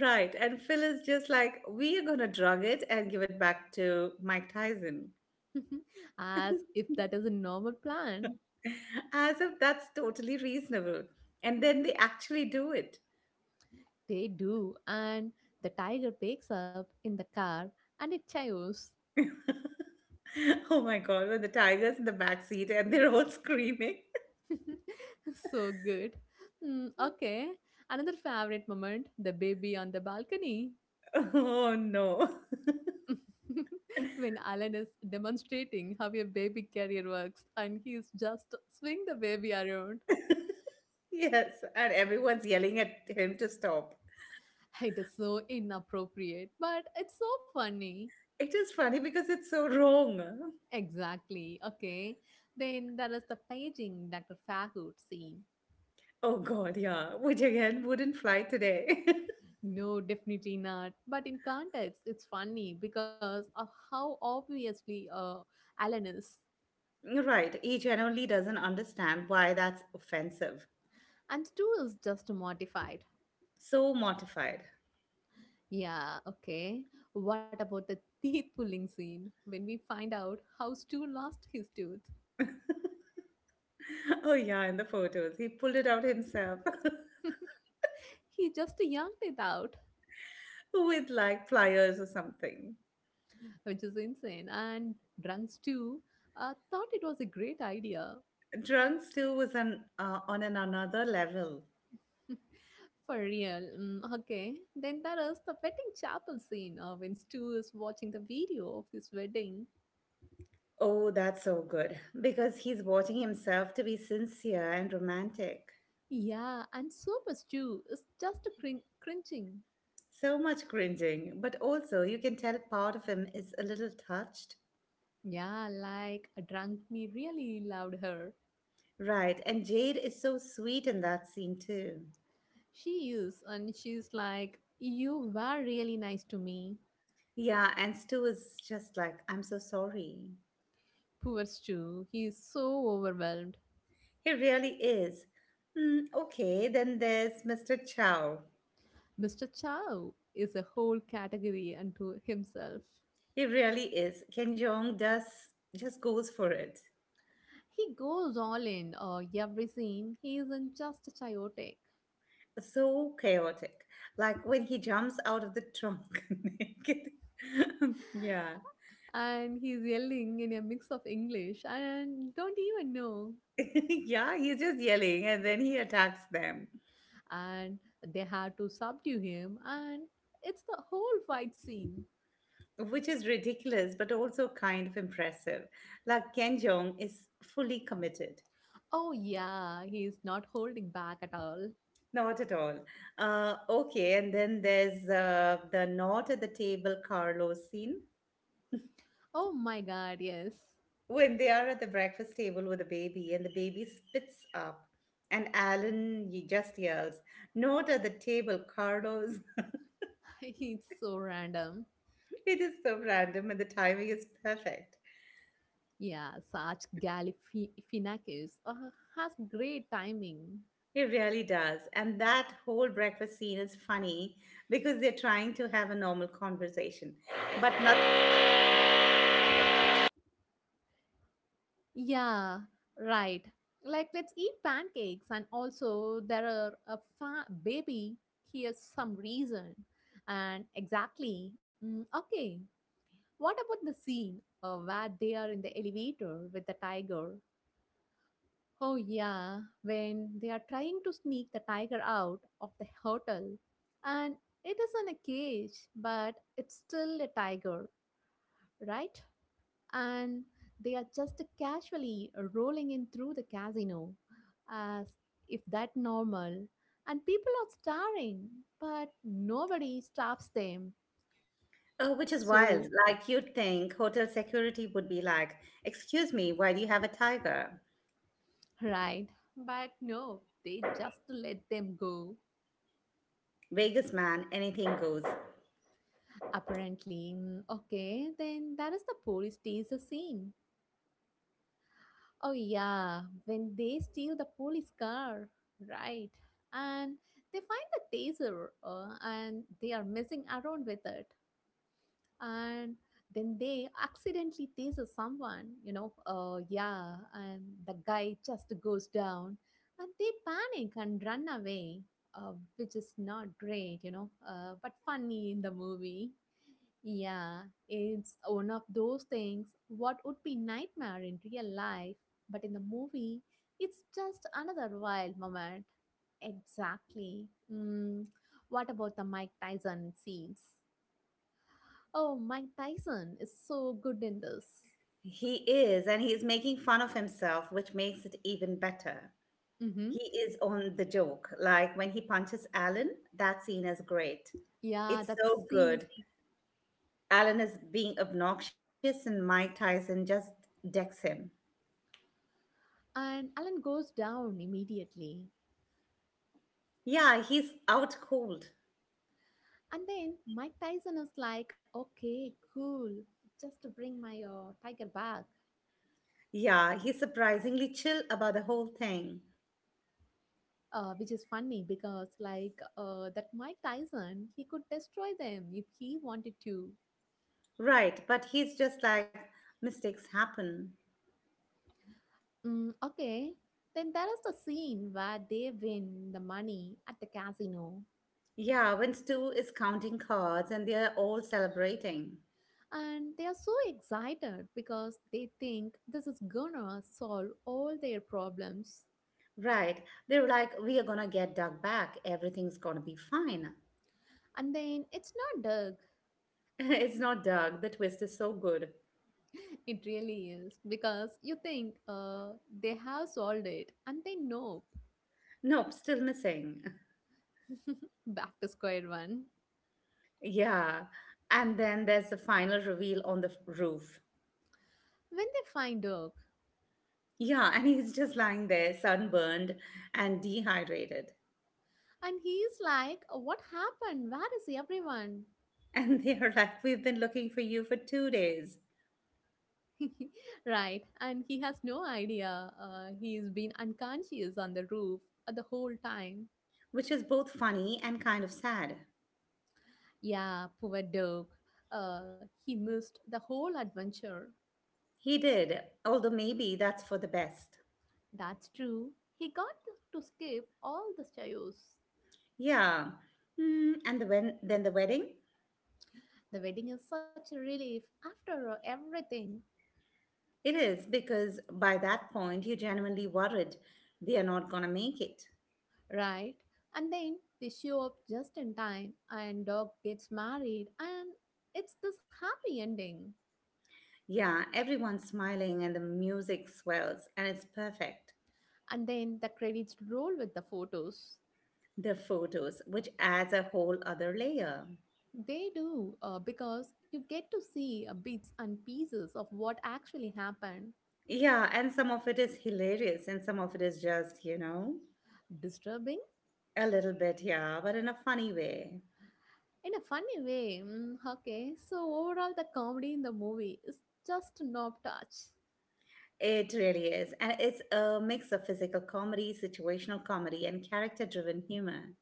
Speaker 2: Right. And Phil is just like, "We are going to drug it and give it back to Mike Tyson."
Speaker 1: As if that is a normal plan.
Speaker 2: As if that's totally reasonable. And then they actually do it.
Speaker 1: They do, and the tiger wakes up in the car and it chews.
Speaker 2: Oh my God. When the tiger's in the back seat and they're all screaming.
Speaker 1: So good. Mm, okay, another favorite moment the baby on the balcony.
Speaker 2: Oh no.
Speaker 1: When Alan is demonstrating how a baby carrier works and he's just swing the baby around.
Speaker 2: Yes. And everyone's yelling at him to stop.
Speaker 1: It is so inappropriate, but it's so funny.
Speaker 2: It is funny because it's so wrong.
Speaker 1: Exactly. Okay. Then there is the paging Dr. Fahood scene.
Speaker 2: Oh God, yeah. Which again wouldn't fly today.
Speaker 1: No, definitely not. But in context, it's funny because of how obviously Alan is.
Speaker 2: Right. He genuinely doesn't understand why that's offensive.
Speaker 1: And Stu is just mortified.
Speaker 2: So mortified.
Speaker 1: Yeah, okay. What about the teeth pulling scene when we find out how Stu lost his tooth?
Speaker 2: Oh yeah, in the photos. He pulled it out himself
Speaker 1: He just yanked it out,
Speaker 2: with like pliers or something.
Speaker 1: which is insane. And drunk Stu thought it was a great idea.
Speaker 2: Drunks too was on an another level.
Speaker 1: For real. Okay. Then there is the wedding chapel scene when Stu is watching the video of his wedding.
Speaker 2: Oh, that's so good. Because he's watching himself to be sincere and romantic.
Speaker 1: Yeah, and Super Stu is just cringing.
Speaker 2: So much cringing, but also you can tell part of him is a little touched.
Speaker 1: Yeah, like a drunk me really loved her.
Speaker 2: Right. And Jade is so sweet in that scene too.
Speaker 1: She is, and she's like, "You were really nice to me."
Speaker 2: Yeah, and Stu is just like, "I'm so sorry."
Speaker 1: Poor Stu, he is so overwhelmed.
Speaker 2: He really is. Hmm, okay, then there's Mr. Chow.
Speaker 1: Mr. Chow is a whole category unto himself.
Speaker 2: He really is. Ken Jeong does, just goes for it.
Speaker 1: He goes all in every scene. He isn't just chaotic.
Speaker 2: So chaotic. Like when he jumps out of the trunk naked. Yeah.
Speaker 1: And he's yelling in a mix of English and don't even know.
Speaker 2: Yeah, he's just yelling and then he attacks them.
Speaker 1: And they have to subdue him, and it's the whole fight scene.
Speaker 2: Which is ridiculous but also kind of impressive. Like Ken Jeong is fully committed.
Speaker 1: Oh, yeah, he's not holding back at all.
Speaker 2: Not at all. Okay, and then there's the not at the table Carlos scene
Speaker 1: Oh my god, yes.
Speaker 2: when they are at the breakfast table with the baby and the baby spits up and just yells, "Not at the table, Carlos."
Speaker 1: It's so random.
Speaker 2: It is so random and the timing is perfect.
Speaker 1: Yeah, Sarge Galifianakis has great timing.
Speaker 2: It really does. And that whole breakfast scene is funny because they're trying to have a normal conversation, but not,
Speaker 1: Yeah, right. Like, let's eat pancakes, and also there are a baby. Here's some reason, and exactly. Okay, what about the scene where they are in the elevator with the tiger? Oh yeah, when they are trying to sneak the tiger out of the hotel, and it is in a cage, but it's still a tiger, right? And they are just casually rolling in through the casino as if that normal, and people are staring but nobody stops them.
Speaker 2: which is
Speaker 1: So
Speaker 2: wild. Like, you'd think hotel security would be like, "Excuse me, why do you have a tiger?"
Speaker 1: right, but no, they just let them go
Speaker 2: Vegas man, anything goes.
Speaker 1: apparently. Okay, then that is the police steals the scene. Oh yeah, when they steal the police car, right, and they find the taser and they are messing around with it, and then they accidentally tease someone, you know, yeah, and the guy just goes down and they panic and run away, which is not great, but funny in the movie. Yeah, it's one of those things what would be nightmare in real life, but in the movie it's just another wild moment. Exactly. Mm. What about the Mike Tyson scenes? Oh, Mike Tyson is so good in this.
Speaker 2: He is, and he is making fun of himself, which makes it even better.
Speaker 1: Mm-hmm.
Speaker 2: He is on the joke. Like, when he punches Alan, that scene is great.
Speaker 1: Yeah,
Speaker 2: It's
Speaker 1: that
Speaker 2: so
Speaker 1: scene is.
Speaker 2: good. Alan is being obnoxious and Mike Tyson just decks him.
Speaker 1: And Alan goes down immediately.
Speaker 2: Yeah, he's out cold.
Speaker 1: And then Mike Tyson is like, okay, cool. Just to bring my tiger back.
Speaker 2: Yeah, he's surprisingly chill about the whole thing.
Speaker 1: Which is funny because, like, that Mike Tyson, he could destroy them if he wanted to.
Speaker 2: Right, but he's just like, mistakes happen.
Speaker 1: Okay. Then there is the scene where they win the money at the casino.
Speaker 2: Yeah, when Stu is counting cards and they're all celebrating.
Speaker 1: And they are so excited because they think this is gonna solve all their problems.
Speaker 2: Right, they're like, "We are gonna get Doug back. Everything's gonna be fine."
Speaker 1: And then it's not Doug.
Speaker 2: It's not Doug, the twist is so good.
Speaker 1: It really is because you think they have solved it and they know.
Speaker 2: Nope, still missing.
Speaker 1: Back to square one.
Speaker 2: Yeah, and then there's the final reveal on the roof.
Speaker 1: When they find Doug,
Speaker 2: Yeah, and he's just lying there, sunburned and dehydrated.
Speaker 1: and he's like, "What happened? Where is everyone?"
Speaker 2: And they are like, "We've been looking for you for 2 days,"
Speaker 1: Right. And he has no idea. He's been unconscious on the roof the whole time.
Speaker 2: which is both funny and kind of sad.
Speaker 1: Yeah, poor dog. He missed the whole adventure.
Speaker 2: He did, although maybe that's for the best.
Speaker 1: That's true. He got to skip all the chaos.
Speaker 2: Yeah. Mm, and the when, then the wedding?
Speaker 1: The wedding is such a relief after everything,
Speaker 2: It is, because by that point, you're genuinely worried they are not going to make it.
Speaker 1: right? And then they show up just in time, and dog gets married, and it's this happy ending.
Speaker 2: Yeah, everyone's smiling and the music swells, and it's perfect.
Speaker 1: And then the credits roll with the photos.
Speaker 2: The photos, which adds a whole other layer.
Speaker 1: They do because you get to see bits and pieces of what actually happened,
Speaker 2: Yeah, and some of it is hilarious, and some of it is just, you know,
Speaker 1: disturbing,
Speaker 2: a little bit, yeah, but in a funny way.
Speaker 1: in a funny way. Okay, so overall, the comedy in the movie is just knob touch.
Speaker 2: It really is. And it's a mix of physical comedy, situational comedy, and character driven humor.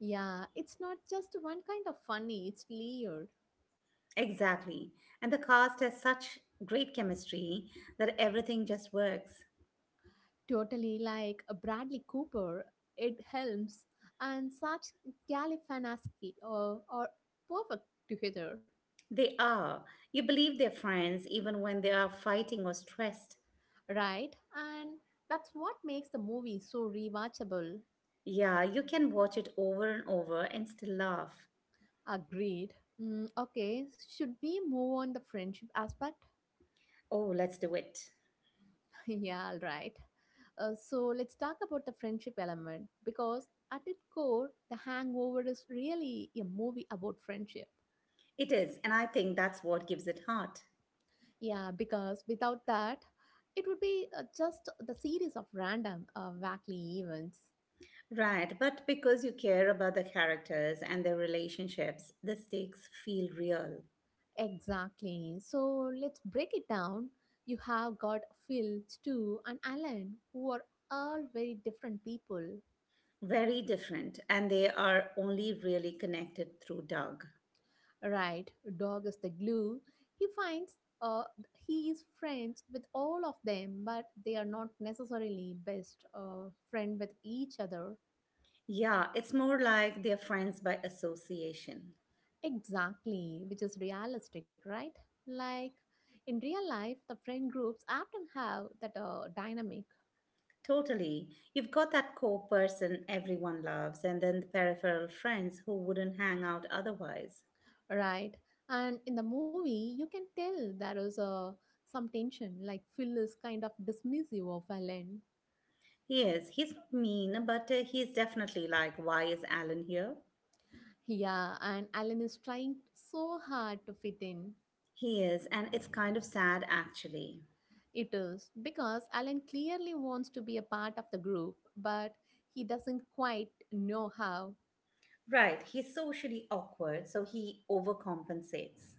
Speaker 1: Yeah, it's not just one kind of funny, it's layered.
Speaker 2: Exactly. And the cast has such great chemistry that everything just works.
Speaker 1: Totally, like a Bradley Cooper, Ed Helms, and such Galifianakis are perfect together,
Speaker 2: They are. You believe they're friends even when they are fighting or stressed.
Speaker 1: right? And that's what makes the movie so rewatchable.
Speaker 2: Yeah, you can watch it over and over and still laugh.
Speaker 1: Agreed. Okay, should we move on the friendship aspect?
Speaker 2: Oh, let's do it.
Speaker 1: Yeah, all right. So let's talk about the friendship element because at its core, The Hangover is really a movie about friendship.
Speaker 2: It is, and I think that's what gives it heart.
Speaker 1: Yeah, because without that, it would be just the series of random, wacky events.
Speaker 2: Right, but because you care about the characters and their relationships, the stakes feel real.
Speaker 1: Exactly. So let's break it down. You have got Phil, Stu, and Alan, who are all very different people.
Speaker 2: Very different, and they are only really connected through Doug.
Speaker 1: Right, dog is the glue. He finds he is friends with all of them, but they are not necessarily best friend with each other.
Speaker 2: Yeah, it's more like they're friends by association.
Speaker 1: Exactly, which is realistic, right? Like in real life, the friend groups often have that dynamic,
Speaker 2: Totally. You've got that core person everyone loves, and then the peripheral friends who wouldn't hang out otherwise.
Speaker 1: right? And in the movie, you can tell there is some tension. Like Phil is kind of dismissive of Alan.
Speaker 2: He is. He's not mean, but he's definitely like, "Why is Alan here?"
Speaker 1: Yeah, and Alan is trying so hard to fit in.
Speaker 2: He is, and it's kind of sad actually.
Speaker 1: It is because Alan clearly wants to be a part of the group, but he doesn't quite know how.
Speaker 2: Right, he's socially awkward, so he overcompensates.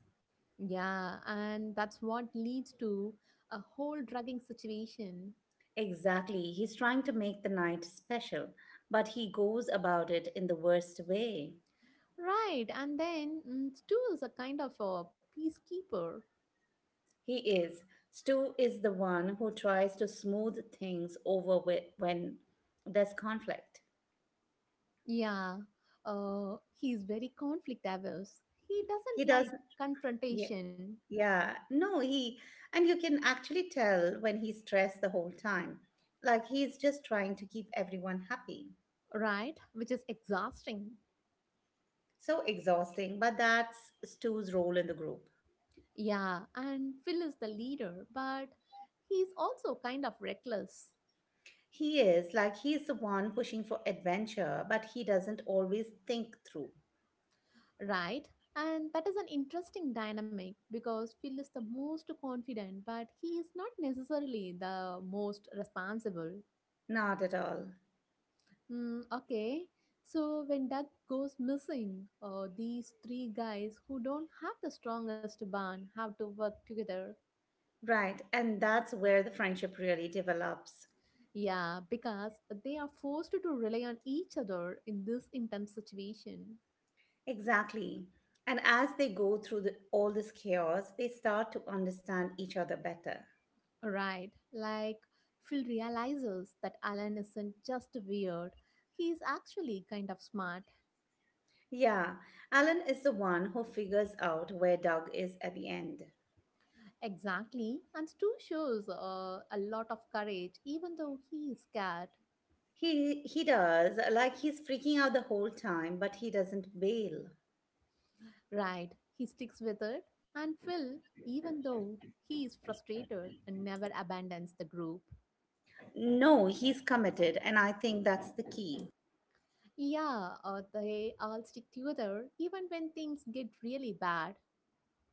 Speaker 1: Yeah, and that's what leads to a whole drugging situation.
Speaker 2: Exactly, he's trying to make the night special, but he goes about it in the worst way.
Speaker 1: Right, and then mm, Stu is a kind of a peacekeeper.
Speaker 2: He is. Stu is the one who tries to smooth things over with when there's conflict.
Speaker 1: Yeah, he's very conflict averse. He
Speaker 2: He
Speaker 1: doesn't
Speaker 2: does,
Speaker 1: like
Speaker 2: yeah,
Speaker 1: confrontation,
Speaker 2: yeah, no, he, and you can actually tell when he's stressed the whole time. Like he's just trying to keep everyone happy.
Speaker 1: right? Which is exhausting.
Speaker 2: So exhausting, but that's Stu's role in the group.
Speaker 1: Yeah, and Phil is the leader, but he's also kind of reckless.
Speaker 2: He is, like he's the one pushing for adventure, but he doesn't always think through.
Speaker 1: Right, and that is an interesting dynamic because Phil is the most confident, but he is not necessarily the most responsible.
Speaker 2: Not at all.
Speaker 1: Okay, so when Doug goes missing, these three guys who don't have the strongest bond have to work together.
Speaker 2: Right, and that's where the friendship really develops.
Speaker 1: Yeah, because they are forced to rely on each other in this intense situation.
Speaker 2: Exactly. And as they go through all this chaos, they start to understand each other better.
Speaker 1: Right, like Phil realizes that Alan isn't just weird, he is actually kind of smart.
Speaker 2: Yeah, Alan is the one who figures out where Doug is at the end.
Speaker 1: Exactly, and Stu shows a lot of courage even though he is scared.
Speaker 2: He does, like he's freaking out the whole time, but he doesn't bail.
Speaker 1: Right, he sticks with it, and Phil, even though he is frustrated, never abandons the group.
Speaker 2: No, he's committed, and I think that's the key.
Speaker 1: Yeah, they all stick together even when things get really bad.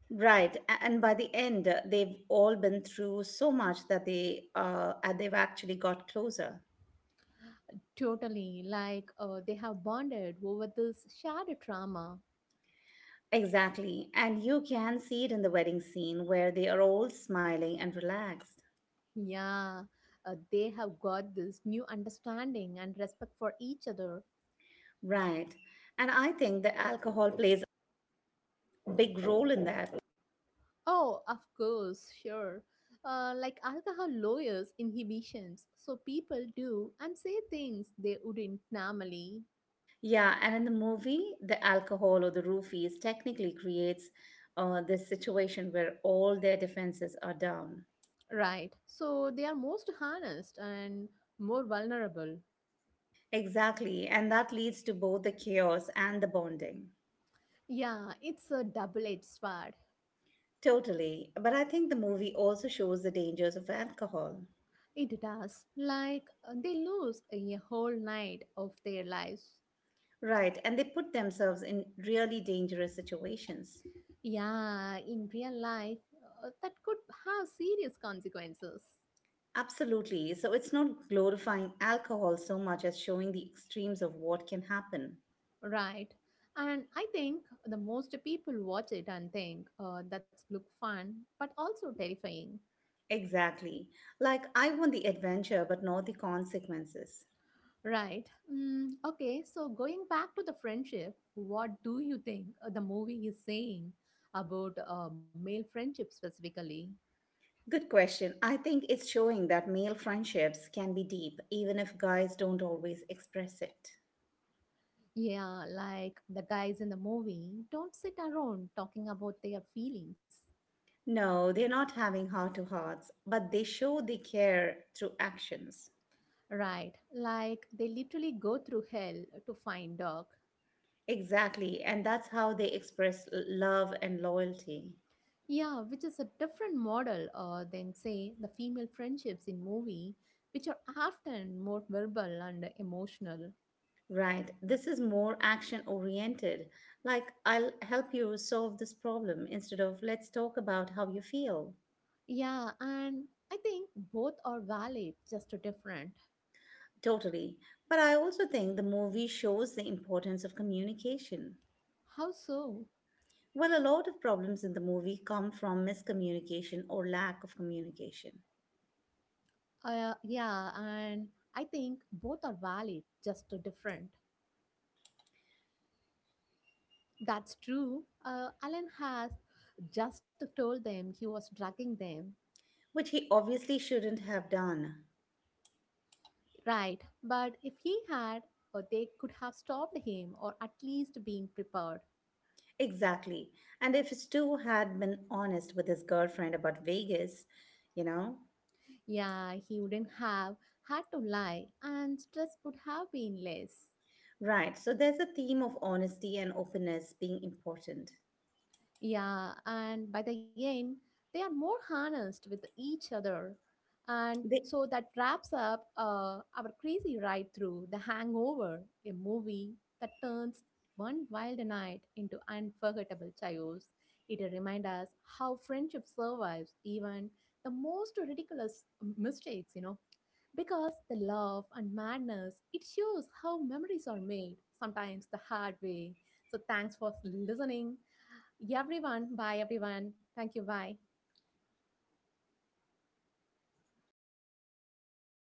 Speaker 2: Right, and by the end, they've all been through so much that they've actually got closer.
Speaker 1: Totally, like they have bonded over this shared trauma.
Speaker 2: Exactly, and you can see it in the wedding scene where they are all smiling and relaxed.
Speaker 1: Yeah, they have got this new understanding and respect for each other.
Speaker 2: Right, and I think the alcohol plays a big role in that.
Speaker 1: Oh, of course, sure. Like alcohol lowers inhibitions, so people do and say things they wouldn't normally.
Speaker 2: Yeah, and in the movie, the alcohol or the roofies technically creates this situation where all their defenses are down.
Speaker 1: Right, so they are most honest and more vulnerable.
Speaker 2: Exactly, and that leads to both the chaos and the bonding.
Speaker 1: Yeah, it's a double edged sword.
Speaker 2: Totally, but I think the movie also shows the dangers of alcohol.
Speaker 1: It does. Like, they lose a whole night of their lives.
Speaker 2: Right, and they put themselves in really dangerous situations.
Speaker 1: Yeah, in real life, that could have serious consequences.
Speaker 2: Absolutely, so it's not glorifying alcohol so much as showing the extremes of what can happen.
Speaker 1: Right. And I think the most people watch it and think that's look fun, but also terrifying.
Speaker 2: Exactly, like I want the adventure but not the consequences.
Speaker 1: Right. Okay, so going back to the friendship, what do you think the movie is saying about male friendship specifically?
Speaker 2: Good question. I think it's showing that male friendships can be deep, even if guys don't always express it.
Speaker 1: Yeah, like the guys in the movie don't sit around talking about their feelings.
Speaker 2: No, they're not having heart to hearts, but they show they care through actions.
Speaker 1: Right, like they literally go through hell to find dog.
Speaker 2: Exactly, and that's how they express love and loyalty.
Speaker 1: Yeah, which is a different model than, say, the female friendships in movie, which are often more verbal and emotional.
Speaker 2: Right, this is more action oriented. Like, "I'll help you solve this problem" instead of "Let's talk about how you feel."
Speaker 1: Yeah, and I think both are valid, just different.
Speaker 2: Totally. But I also think the movie shows the importance of communication.
Speaker 1: How so?
Speaker 2: Well, a lot of problems in the movie come from miscommunication or lack of communication,
Speaker 1: Yeah, and I think both are valid, just different. That's true. Alan has just told them he was drugging them.
Speaker 2: which he obviously shouldn't have done.
Speaker 1: Right, but if he had, or they could have stopped him or at least been prepared.
Speaker 2: Exactly. And if Stu had been honest with his girlfriend about Vegas, you know?
Speaker 1: Yeah, he wouldn't have had to lie and stress would have been less.
Speaker 2: Right. So there's a theme of honesty and openness being important.
Speaker 1: Yeah, and by the end, they are more harnessed with each other. And so that wraps up our crazy ride through The Hangover, a movie that turns one wild night into unforgettable chaos. It reminds us how friendship survives even the most ridiculous mistakes, you know, because the love and madness, it shows how memories are made, sometimes the hard way. So thanks for listening, yeah, everyone. Bye, everyone. Thank you. Bye.